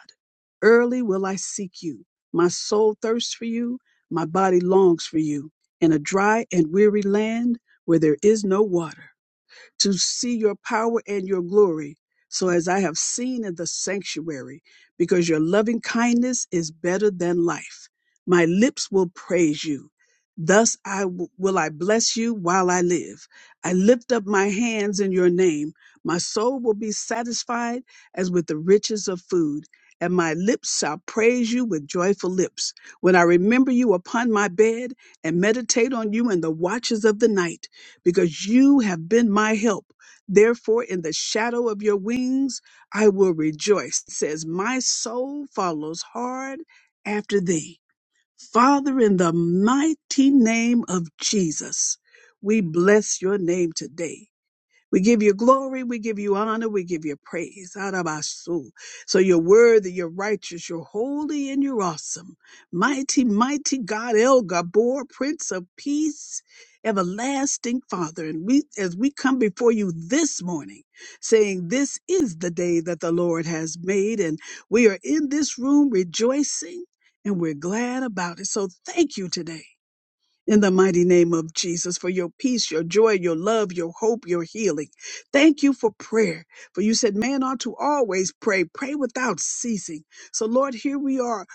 Speaker 5: Early will I seek you. My soul thirsts for you. My body longs for you in a dry and weary land where there is no water. to see your power and your glory. So, as I have seen in the sanctuary, because your loving kindness is better than life, my lips will praise you. Thus I w- will I bless you while I live. I lift up my hands in your name. My soul will be satisfied as with the riches of food, and my lips shall praise you with joyful lips. When I remember you upon my bed and meditate on you in the watches of the night, because you have been my help. Therefore, in the shadow of your wings, I will rejoice. It says, My soul follows hard after thee. Father, in the mighty name of Jesus, we bless your name today. We give you glory. We give you honor. We give you praise out So you're worthy, you're righteous, you're holy, and you're awesome. Mighty, mighty God, El Gabor, Prince of Peace, everlasting Father. And we, as we come before you this morning, saying, This is the day that the Lord has made, and we are in this room rejoicing. And we're glad about it. So thank you today in the mighty name of Jesus for your peace, your joy, your love, your hope, your healing. Thank you for prayer. For you said, man ought to always pray, pray without ceasing. So, Lord, here we are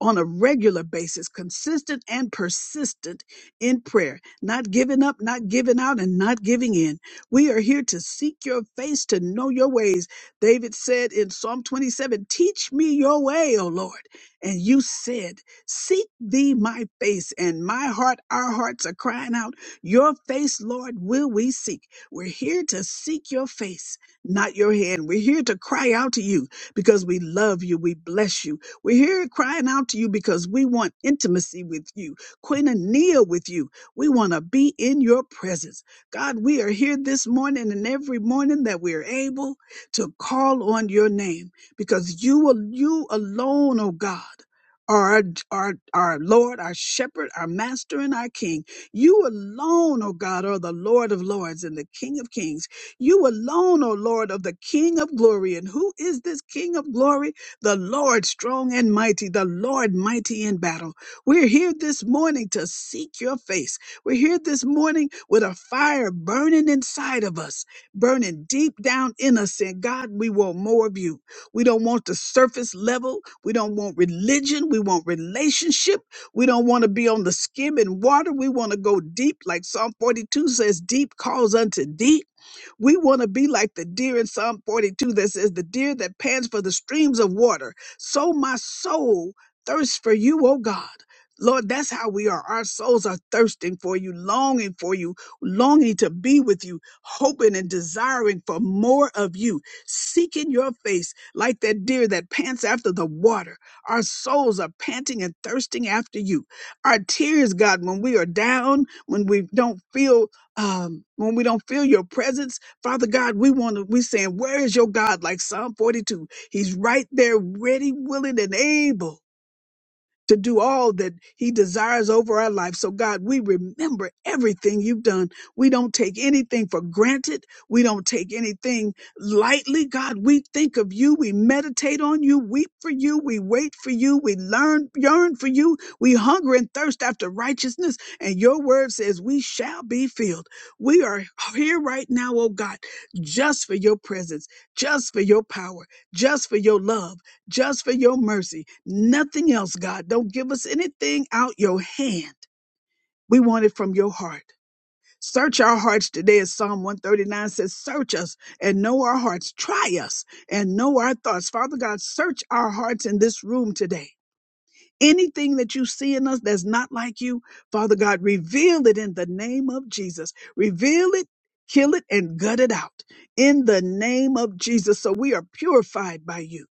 Speaker 5: on a regular basis, consistent and persistent in prayer, not giving up, not giving out, and not giving in. We are here to seek your face, to know your ways. David said in Psalm 27, Teach me your way, O Lord. And you said, Seek thee my face and my heart, our hearts are crying out, Your face, Lord, will we seek. We're here to seek your face, not your hand. We're here to cry out to you because we love you. We bless you. We're here crying out to you because we want intimacy with you, koinonia with you. We want to be in your presence. God, we are here this morning and every morning that we are able to call on your name because you, al- you alone, oh God our, our, our Lord, our shepherd, our master, and our king. You alone, O God, are the Lord of lords and the King of kings. You alone, O Lord, of the King of glory. And who is this King of glory? The Lord strong and mighty, the Lord mighty in battle. We're here this morning to seek your face. We're here this morning with a fire burning inside of us, burning deep down in us, saying, God, we want more of you. We don't want the surface level. We don't want religion. We want relationship. We don't want to be on the skim and water. We want to go deep, like Psalm 42 says, deep calls unto deep. We want to be like the deer in Psalm 42 that says, The deer that pants for the streams of water. So my soul thirsts for you, O God. Lord, that's how we are. Our souls are thirsting for you, longing for you, longing to be with you, hoping and desiring for more of you, seeking your face like that deer that pants after the water. Our souls are panting and thirsting after you. Our tears, God, when we are down, when we don't feel um, when we don't feel your presence, Father God, we want to, we're saying, where is your God? Like Psalm 42. He's right there, ready, willing, and able to do all that he desires over our life. So God, we remember everything you've done. We don't take anything for granted. We don't take anything lightly. God, we think of you. We meditate on you, weep for you. We wait for you. We learn, yearn for you. We hunger and thirst after righteousness. And your word says we shall be filled. We are here right now, oh God, just for your presence, just for your power, just for your love just for your mercy. Nothing else, God. Don't give us anything out your hand. We want it from your heart. Search our hearts today, as Psalm 139 says, Search us and know our hearts. Try us and know our thoughts. Father God, search our hearts in this room today. Anything that you see in us that's not like you, Father God, reveal it in the name of Jesus. Reveal it, kill it, and gut it out in the name of Jesus. So we are purified by you,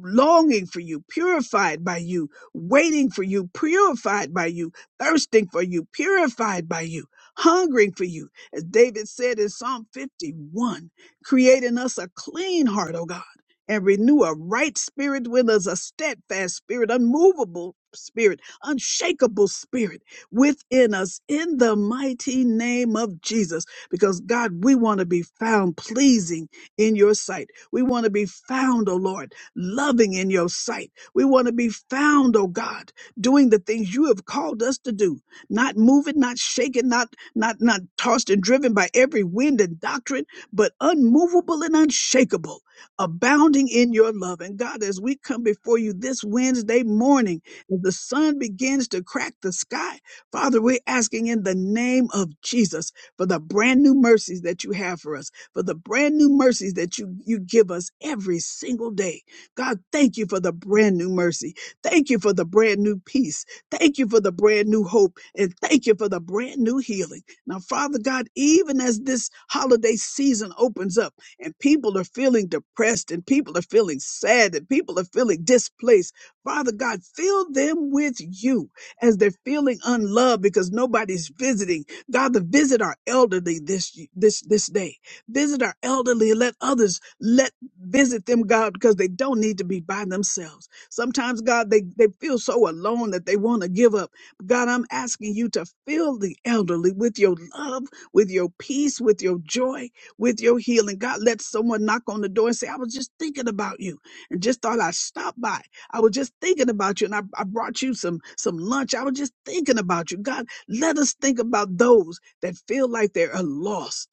Speaker 5: longing for you, purified by you, waiting for you, purified by you, thirsting for you, purified by you, hungering for you. As David said in Psalm 51, create in us a clean heart, O God and renew a right spirit with us, a steadfast spirit, unmovable spirit, unshakable spirit within us in the mighty name of Jesus. Because God, we want to be found pleasing in your sight. We want to be found, oh Lord, loving in your sight. We want to be found, oh God, doing the things you have called us to do, not moving, not shaken, not, not, not tossed and driven by every wind and doctrine, but unmovable and unshakable abounding in your love. And God, as we come before you this Wednesday morning, as the sun begins to crack the sky, Father, we're asking in the name of Jesus for the brand new mercies that you have for us, for the brand new mercies that you, you give us every single day. God, thank you for the brand new mercy. Thank you for the brand new peace. Thank you for the brand new hope. And thank you for the brand new healing. Now, Father God, even as this holiday season opens up, and people are feeling depressed and people are feeling sad and people are feeling displaced. Father God, fill them with you as they're feeling unloved because nobody's visiting. God, to visit our elderly this this this day. Visit our elderly and let others let visit them, God, because they don't need to be by themselves. Sometimes, God, they, they feel so alone that they want to give up. God, I'm asking you to fill the elderly with your love, with your peace, with your joy with your healing. God, let someone knock on the door and say, I was just thinking about you and just thought I'd stop by. I was just thinking about you and I, I brought you some, some lunch. I was just thinking about you. God, let us think about those that feel like they're uh, lost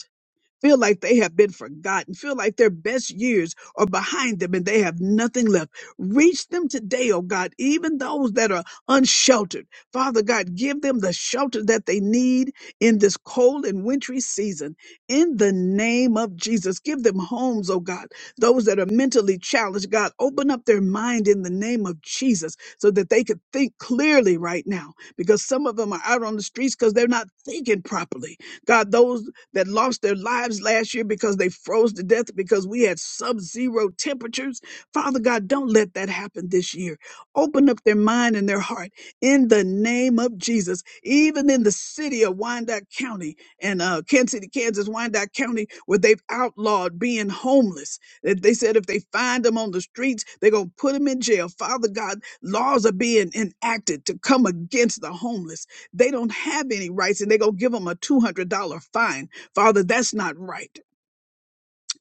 Speaker 5: feel like they have been forgotten, feel like their best years are behind them and they have nothing left. Reach them today, oh God, even those that are unsheltered. Father God, give them the shelter that they need in this cold and wintry season. In the name of Jesus, give them homes, oh God. Those that are mentally challenged, God, open up their mind in the name of Jesus so that they could think clearly right now because some of them are out on the streets because they're not thinking properly. God, those that lost their lives last year because they froze to death because we had sub zero temperatures. Father God, don't let that happen this year. Open up their mind and their heart in the name of Jesus. Even in the city of Wyandotte County and uh, Kansas City, Kansas, Wyandotte County, where they've outlawed being homeless. That they said if they find them on the streets, they're going to put them in jail. Father God, laws are being enacted to come against the homeless. They don't have any rights and they're going to give them a $200 fine Father, that's not right.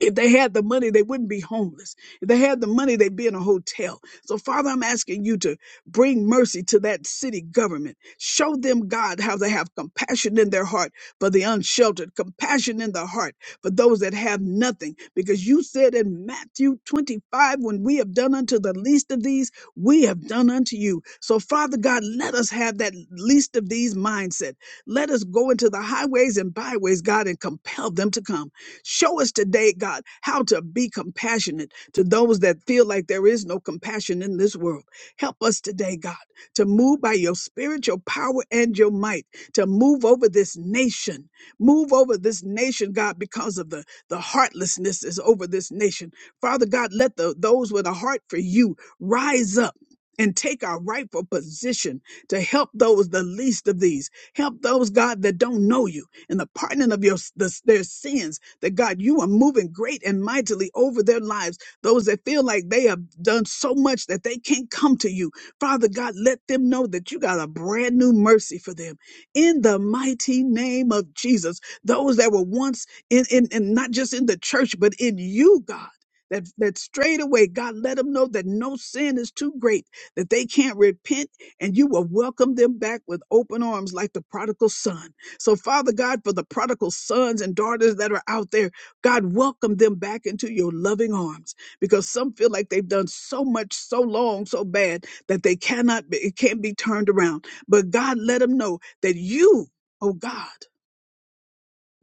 Speaker 5: If they had the money, they wouldn't be homeless. If they had the money, they'd be in a hotel. So, Father, I'm asking you to bring mercy to that city government. Show them, God, how they have compassion in their heart for the unsheltered, compassion in their heart for those that have nothing. Because you said in Matthew 25, when we have done unto the least of these, we have done unto you. So, Father God, let us have that least of these mindset. Let us go into the highways and byways, God, and compel them to come. Show us today, God, how to be compassionate to those that feel like there is no compassion in this world. Help us today, God, to move by your spirit, your power, and your might to move over this nation. Move over this nation, God, because of the, the heartlessness is over this nation. Father God, let the, those with a heart for you rise up. And take our rightful position to help those the least of these. Help those, God, that don't know you and the pardoning of your the, their sins that God, you are moving great and mightily over their lives. Those that feel like they have done so much that they can't come to you, Father God, let them know that you got a brand new mercy for them. In the mighty name of Jesus, those that were once in, in, in not just in the church, but in you, God. That, that straight away, God, let them know that no sin is too great, that they can't repent, and you will welcome them back with open arms like the prodigal son. So, Father God, for the prodigal sons and daughters that are out there, God, welcome them back into your loving arms because some feel like they've done so much, so long, so bad that they cannot be, it can't be turned around. But God, let them know that you, oh God,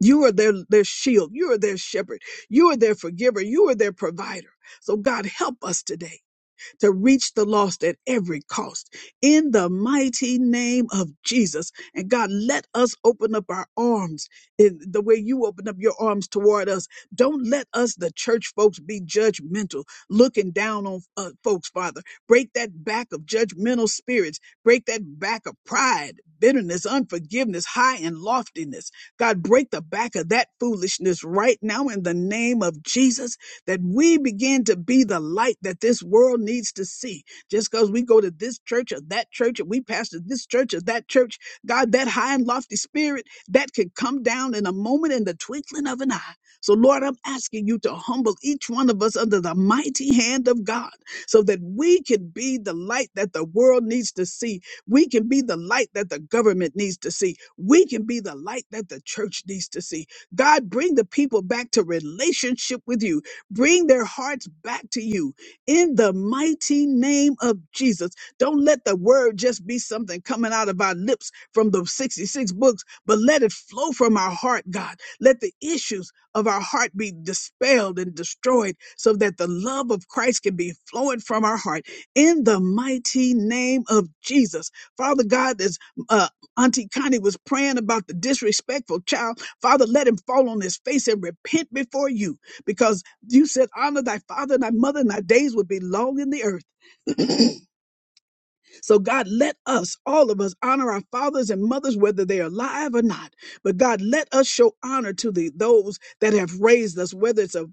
Speaker 5: you are their, their shield. You are their shepherd. You are their forgiver. You are their provider. So God, help us today to reach the lost at every cost. In the mighty name of Jesus. And God, let us open up our arms in the way you open up your arms toward us. Don't let us, the church folks, be judgmental, looking down on uh, folks, Father. Break that back of judgmental spirits. Break that back of pride, bitterness, unforgiveness, high and loftiness. God, break the back of that foolishness right now in the name of Jesus that we begin to be the light that this world needs to see. Just because we go to this church or that church, and we pastor this church or that church, God, that high and lofty spirit that could come down in a moment in the twinkling of an eye. So, Lord, I'm asking you to humble each one of us under the mighty hand of God so that we can be the light that the world needs to see. We can be the light that the government needs to see. We can be the light that the church needs to see. God, bring the people back to relationship with you Bring their hearts back to you in the mighty name of Jesus. Don't let the word just be something coming out of our lips from the 66 books, but let it flow from our heart, God. Let the issues of our heart be dispelled and destroyed so that the love of Christ can be flowing from our heart in the mighty name of Jesus. Father God, as uh, Auntie Connie was praying about the disrespectful child, Father, let him fall on his face and repent before you because you said, honor thy father and thy mother, and thy days would be long in the earth. So, God, let us, all of us, honor our fathers and mothers, whether they are alive or not. But, God, let us show honor to the, those that have raised us, whether it's a,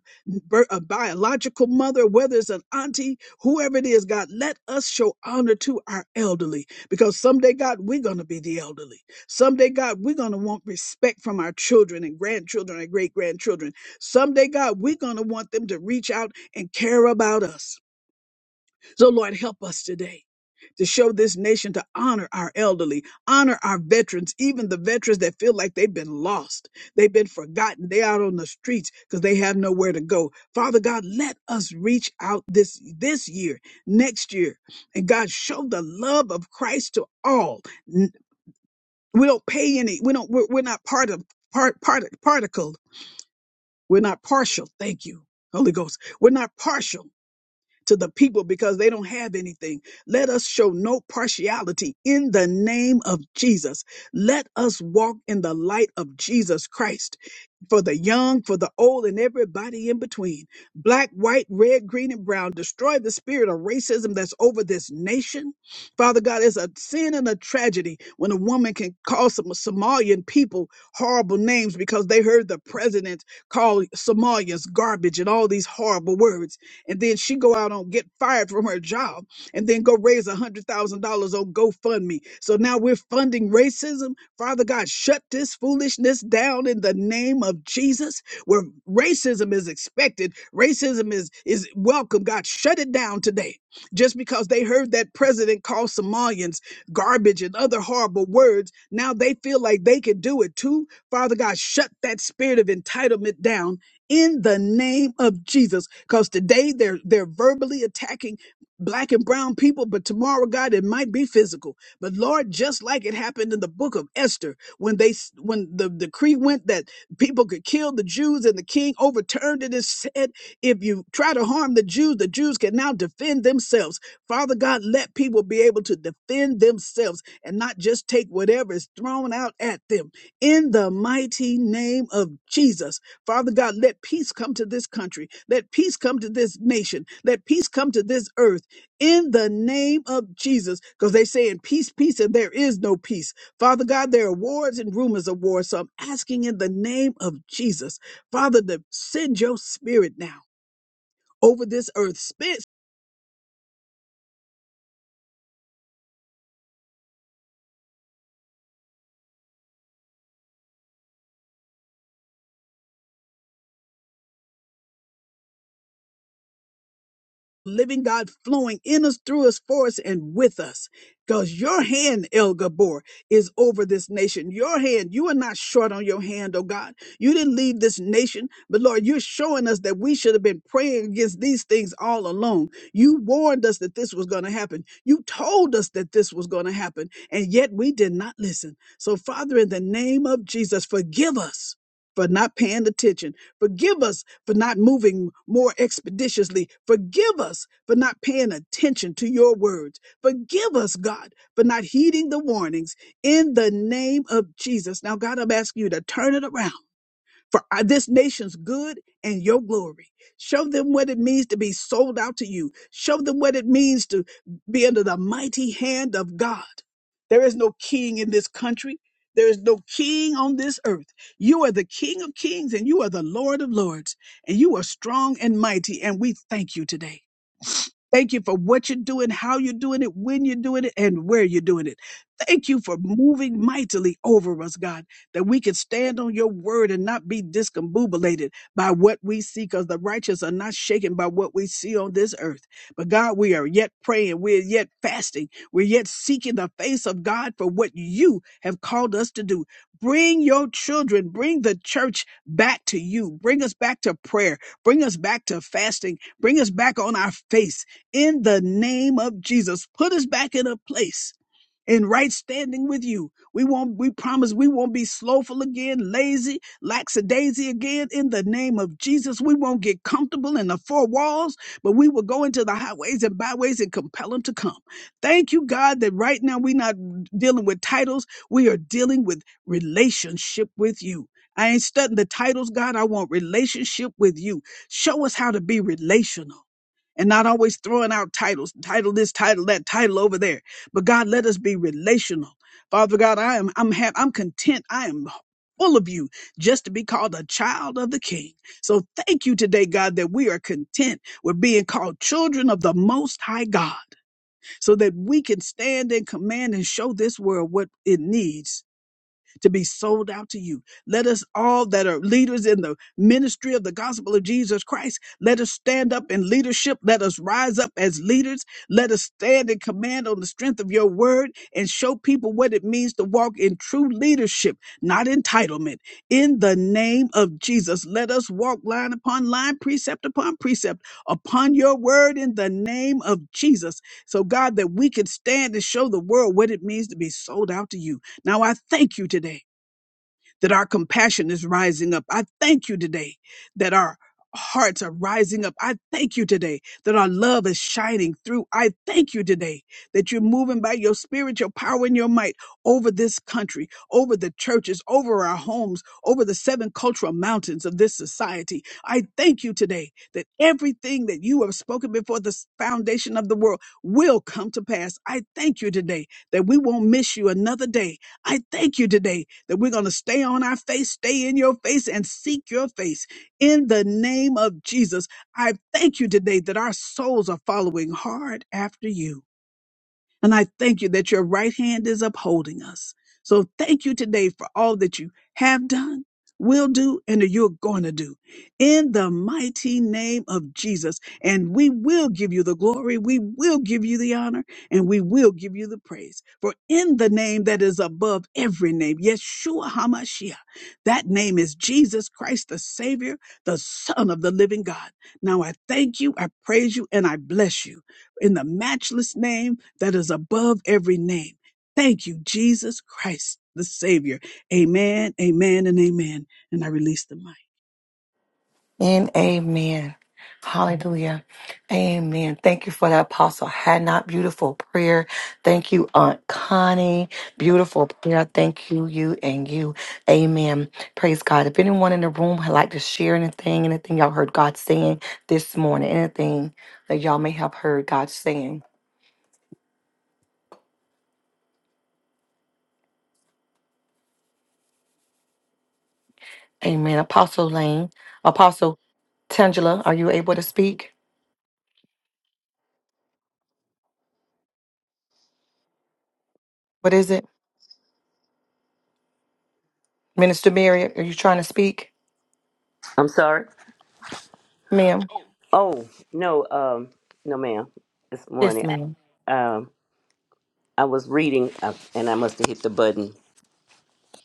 Speaker 5: bir- a biological mother, whether it's an auntie, whoever it is, God, let us show honor to our elderly because someday, God, we're going to be the elderly. Someday, God, we're going to want respect from our children and grandchildren and great grandchildren. Someday, God, we're going to want them to reach out and care about us. So, Lord, help us today to show this nation to honor our elderly, honor our veterans, even the veterans that feel like they've been lost, they've been forgotten, they out on the streets because they have nowhere to go. Father God, let us reach out this this year, next year, and God show the love of Christ to all. N- We don't pay any. We don't. We're, we're not part of part part particle. We're not partial. Thank you, Holy Ghost. We're not partial to the people because they don't have anything. Let us show no partiality in the name of Jesus. Let us walk in the light of Jesus Christ for the young, for the old, and everybody in between. Black, white, red, green, and brown. Destroy the spirit of racism that's over this nation. Father God, it's a sin and a tragedy when a woman can call some Somalian people horrible names because they heard the president call Somalians garbage and all these horrible words and then she go out on get fired from her job and then go raise a hundred thousand dollars on GoFundMe. So now we're funding racism. Father God, shut this foolishness down in the name of Jesus. Where racism is expected, racism is is welcome. God, shut it down today. Just because they heard that president call Somalians garbage and other horrible words, now they feel like they can do it too. Father God, shut that spirit of entitlement down in the name of Jesus. Because today they're they're verbally attacking black and brown people, but tomorrow, God, it might be physical. But Lord, just like it happened in the book of Esther, when they s- when the decree went that people could kill the Jews and the king overturned it and said, if you try to harm the Jews, the Jews can now defend themselves. Father God, let people be able to defend themselves and not just take whatever is thrown out at them. In the mighty name of Jesus. Father God, let peace come to this country. Let peace come to this nation. Let peace come to this earth in the name of Jesus. Because they say in peace, peace, and there is no peace. Father God, there are wars and rumors of war. So I'm asking in the name of Jesus, Father, to send your spirit now over this earth. living God flowing in us, through us, for us, and with us. Because your hand, El Gabor, is over this nation. Your hand, you are not short on your hand, oh God. You didn't leave this nation, but Lord, you're showing us that we should have been praying against these things all along. You warned us that this was going to happen. You told us that this was going to happen, and yet we did not listen. So, Father, in the name of Jesus, forgive us for not paying attention Forgive us for not moving more expeditiously. Forgive us for not paying attention to your words. Forgive us, God, for not heeding the warnings in the name of Jesus. Now, God, I'm asking you to turn it around for our- this nation's good and your glory. Show them what it means to be sold out to you. Show them what it means to be under the mighty hand of God. There is no king in this country. There is no king on this earth. You are the King of kings and you are the Lord of lords, and you are strong and mighty, and we thank you today. Thank you for what you're doing, how you're doing it, when you're doing it, and where you're doing it. Thank you for moving mightily over us, God, that we can stand on your word and not be discombobulated by what we see, because the righteous are not shaken by what we see on this earth. But God, we are yet praying, we're yet fasting, we're yet seeking the face of God for what you have called us to do. Bring your children, bring the church back to you, bring us back to prayer, bring us back to fasting, bring us back on our face in the name of Jesus. Put us back in a place in right standing with you. We won't, we promise we won't be slowful again, lazy, lackadaisy again in the name of Jesus. We won't get comfortable in the four walls, but we will go into the highways and byways and compel them to come. Thank you, God, that right now we're not dealing with titles. We are dealing with relationship with you. I ain't studying the titles, God. I want relationship with you. Show us how to be relational and not always throwing out titles, title this, title that, title over there. But God, let us be relational. Father God, I am I'm ha- I'm content. I am full of you just to be called a child of the king. So thank you today, God, that we are content with being called children of the most high God so that we can stand in command and show this world what it needs to be sold out to you. Let us all that are leaders in the ministry of the gospel of Jesus Christ, let us stand up in leadership. Let us rise up as leaders. Let us stand in command on the strength of your word and show people what it means to walk in true leadership, not entitlement. In the name of Jesus, let us walk line upon line, precept upon precept, upon your word in the name of Jesus. So, God, that we can stand and show the world what it means to be sold out to you. Now I thank you today that our compassion is rising up. I thank you today that our hearts are rising up. I thank you today that our love is shining through. I thank you today that you're moving by your spirit, your power, and your might over this country, over the churches, over our homes, over the seven cultural mountains of this society. I thank you today that everything that you have spoken before the s- foundation of the world will come to pass. I thank you today that we won't miss you another day. I thank you today that we're going to stay on our face, stay in your face, and seek your face. In the name of Jesus, I thank you today that our souls are following hard after you. And I thank you that your right hand is upholding us. So thank you today for all that you have done, will do, and that you're going to do. In the mighty name of Jesus. And we will give you the glory. We will give you the honor. And we will give you the praise. For in the name that is above every name, Yeshua HaMashiach, that name is Jesus Christ, the Savior, the Son of the living God. Now I thank you, I praise you, and I bless you in the matchless name that is above every name. Thank you, Jesus Christ, the Savior. Amen, amen, and amen. And I release the mic.
Speaker 1: And amen. Hallelujah. Amen. Thank you for that, Apostle Hadnot. Beautiful prayer. Thank you, Aunt Connie. Beautiful prayer. Thank you, you, and you. Amen. Praise God. If anyone in the room would like to share anything, anything y'all heard God saying this morning, anything that y'all may have heard God saying. Amen. Apostle Lane, Apostle Tangela, are you able to speak? What is it? Minister Mary, are you trying to speak?
Speaker 4: sorry.
Speaker 1: Ma'am?
Speaker 4: Oh no, um, no, ma'am. This
Speaker 1: Yes,
Speaker 4: morning,
Speaker 1: ma'am.
Speaker 4: um, I was reading, uh, and I must have hit the button.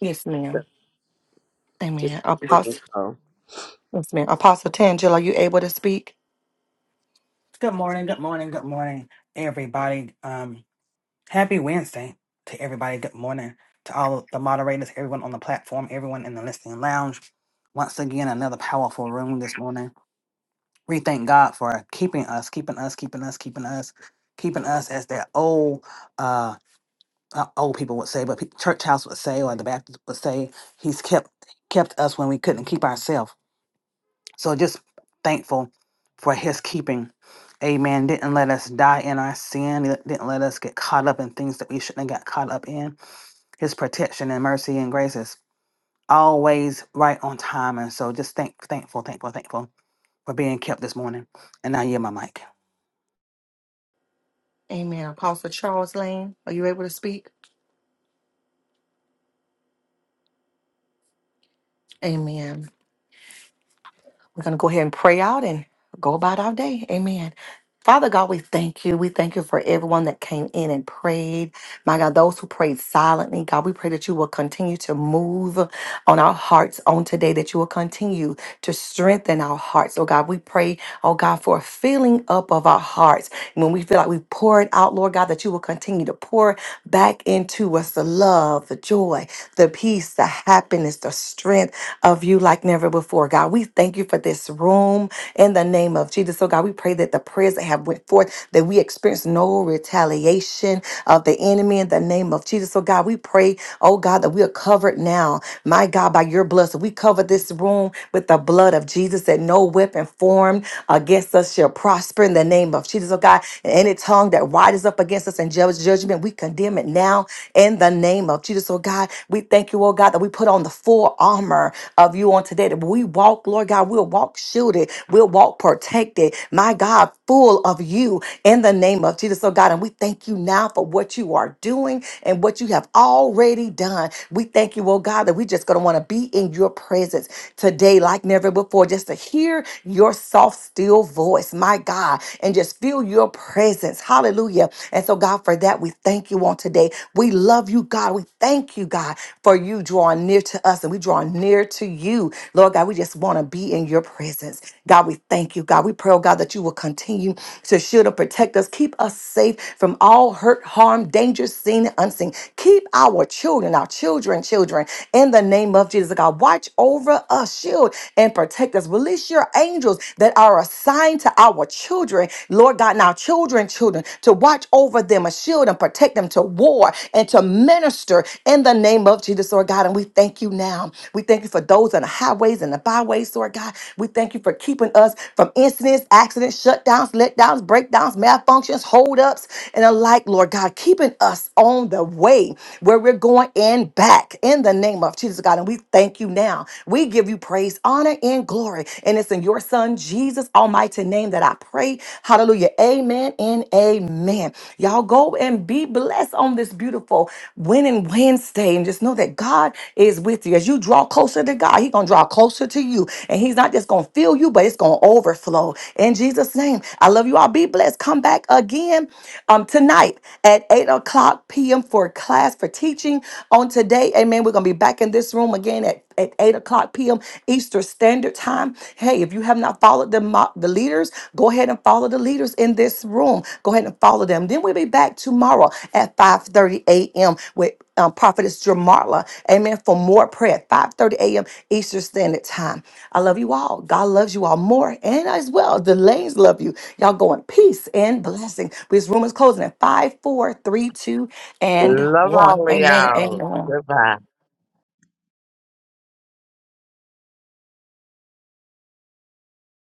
Speaker 1: Yes, ma'am.
Speaker 4: Just
Speaker 1: Amen.
Speaker 4: good
Speaker 1: Apostle,
Speaker 4: morning.
Speaker 1: yes, ma'am. Apostle Tangela, are you able to speak?
Speaker 6: Good morning, good morning, good morning, everybody. Um, happy Wednesday to everybody. Good morning to all the moderators, everyone on the platform, everyone in the listening lounge. Once again, another powerful room this morning. We thank God for keeping us, keeping us, keeping us, keeping us, keeping us, as that old uh not old people would say, but pe- church house would say, or the Baptist would say, He's kept kept us when we couldn't keep ourselves. So just thankful for his keeping. Amen. Didn't let us die in our sin. He Didn't let us get caught up in things that we shouldn't have got caught up in. His protection and mercy and grace is always right on time. And so just thank, thankful, thankful, thankful for being kept this morning. And I yield my mic.
Speaker 1: Amen. Apostle Charles Lane, are you able to speak? Amen. We're going to go ahead and pray out and go about our day. Amen. Father God, we thank you. We thank you for everyone that came in and prayed. My God, those who prayed silently, God, we pray that you will continue to move on our hearts on today, that you will continue to strengthen our hearts. Oh God, we pray, oh God, for a filling up of our hearts. When we feel like we've poured out, Lord God, that you will continue to pour back into us the love, the joy, the peace, the happiness, the strength of you like never before. God, we thank you for this room in the name of Jesus. So God, we pray that the prayers that have went forth, that we experience no retaliation of the enemy in the name of Jesus. So God, we pray, oh God, that we are covered now, my God, by your blood. So we cover this room with the blood of Jesus, that no weapon formed against us shall prosper in the name of Jesus. Oh God, and any tongue that rises up against us in judge- judgment, we condemn it now in the name of Jesus. Oh God, we thank you, oh God, that we put on the full armor of you on today that we walk, Lord God, we'll walk shielded, we'll walk protected, my God, full of you in the name of Jesus. So, God, and we thank you now for what you are doing and what you have already done. We thank you, oh God, that we just going to want to be in your presence today like never before, just to hear your soft, still voice, my God, and just feel your presence. Hallelujah. And so, God, for that, we thank you on today. We love you, God. We thank you, God, for you drawing near to us and we draw near to you. Lord God, we just want to be in your presence. God, we thank you. God, we pray, oh God, that you will continue to shield and protect us. Keep us safe from all hurt, harm, danger, seen and unseen. Keep our children, our children, children in the name of Jesus. God, watch over us, shield, and protect us. Release your angels that are assigned to our children, Lord God, now children, children, to watch over them, a shield and protect them to war and to minister in the name of Jesus, Lord God. And we thank you now. We thank you for those on the highways and the byways, Lord God. We thank you for keeping us from incidents, accidents, shutdowns, letdowns, breakdowns, malfunctions, holdups, and the like, Lord God, keeping us on the way where we're going and back in the name of Jesus, God. And we thank you now. We give you praise, honor, and glory. And it's in your Son, Jesus' almighty name, that I pray. Hallelujah. Amen and amen. Y'all go and be blessed on this beautiful winning Wednesday and just know that God is with you. As you draw closer to God, He's going to draw closer to you. And He's not just going to fill you, but it's going to overflow. In Jesus' name, I love you all. Be blessed. Come back again um, tonight at 8 o'clock p.m. for class for teaching on today. Amen. We're going to be back in this room again at, at 8 o'clock p.m. Eastern Standard Time. Hey, if you have not followed the, mo- the leaders, go ahead and follow the leaders in this room. Go ahead and follow them. Then we'll be back tomorrow at 5.30 a.m. with um, prophetess Jamarla. Amen. For more prayer at 5:30 a.m. Eastern Standard Time. I love you all. God loves you all more and as well. The lanes love you. Y'all go in peace and blessing. This room is closing at five, four, three, two, and
Speaker 2: Love
Speaker 1: 1.
Speaker 2: all of
Speaker 1: Amen. and
Speaker 2: y'all.
Speaker 1: Amen.
Speaker 2: Goodbye.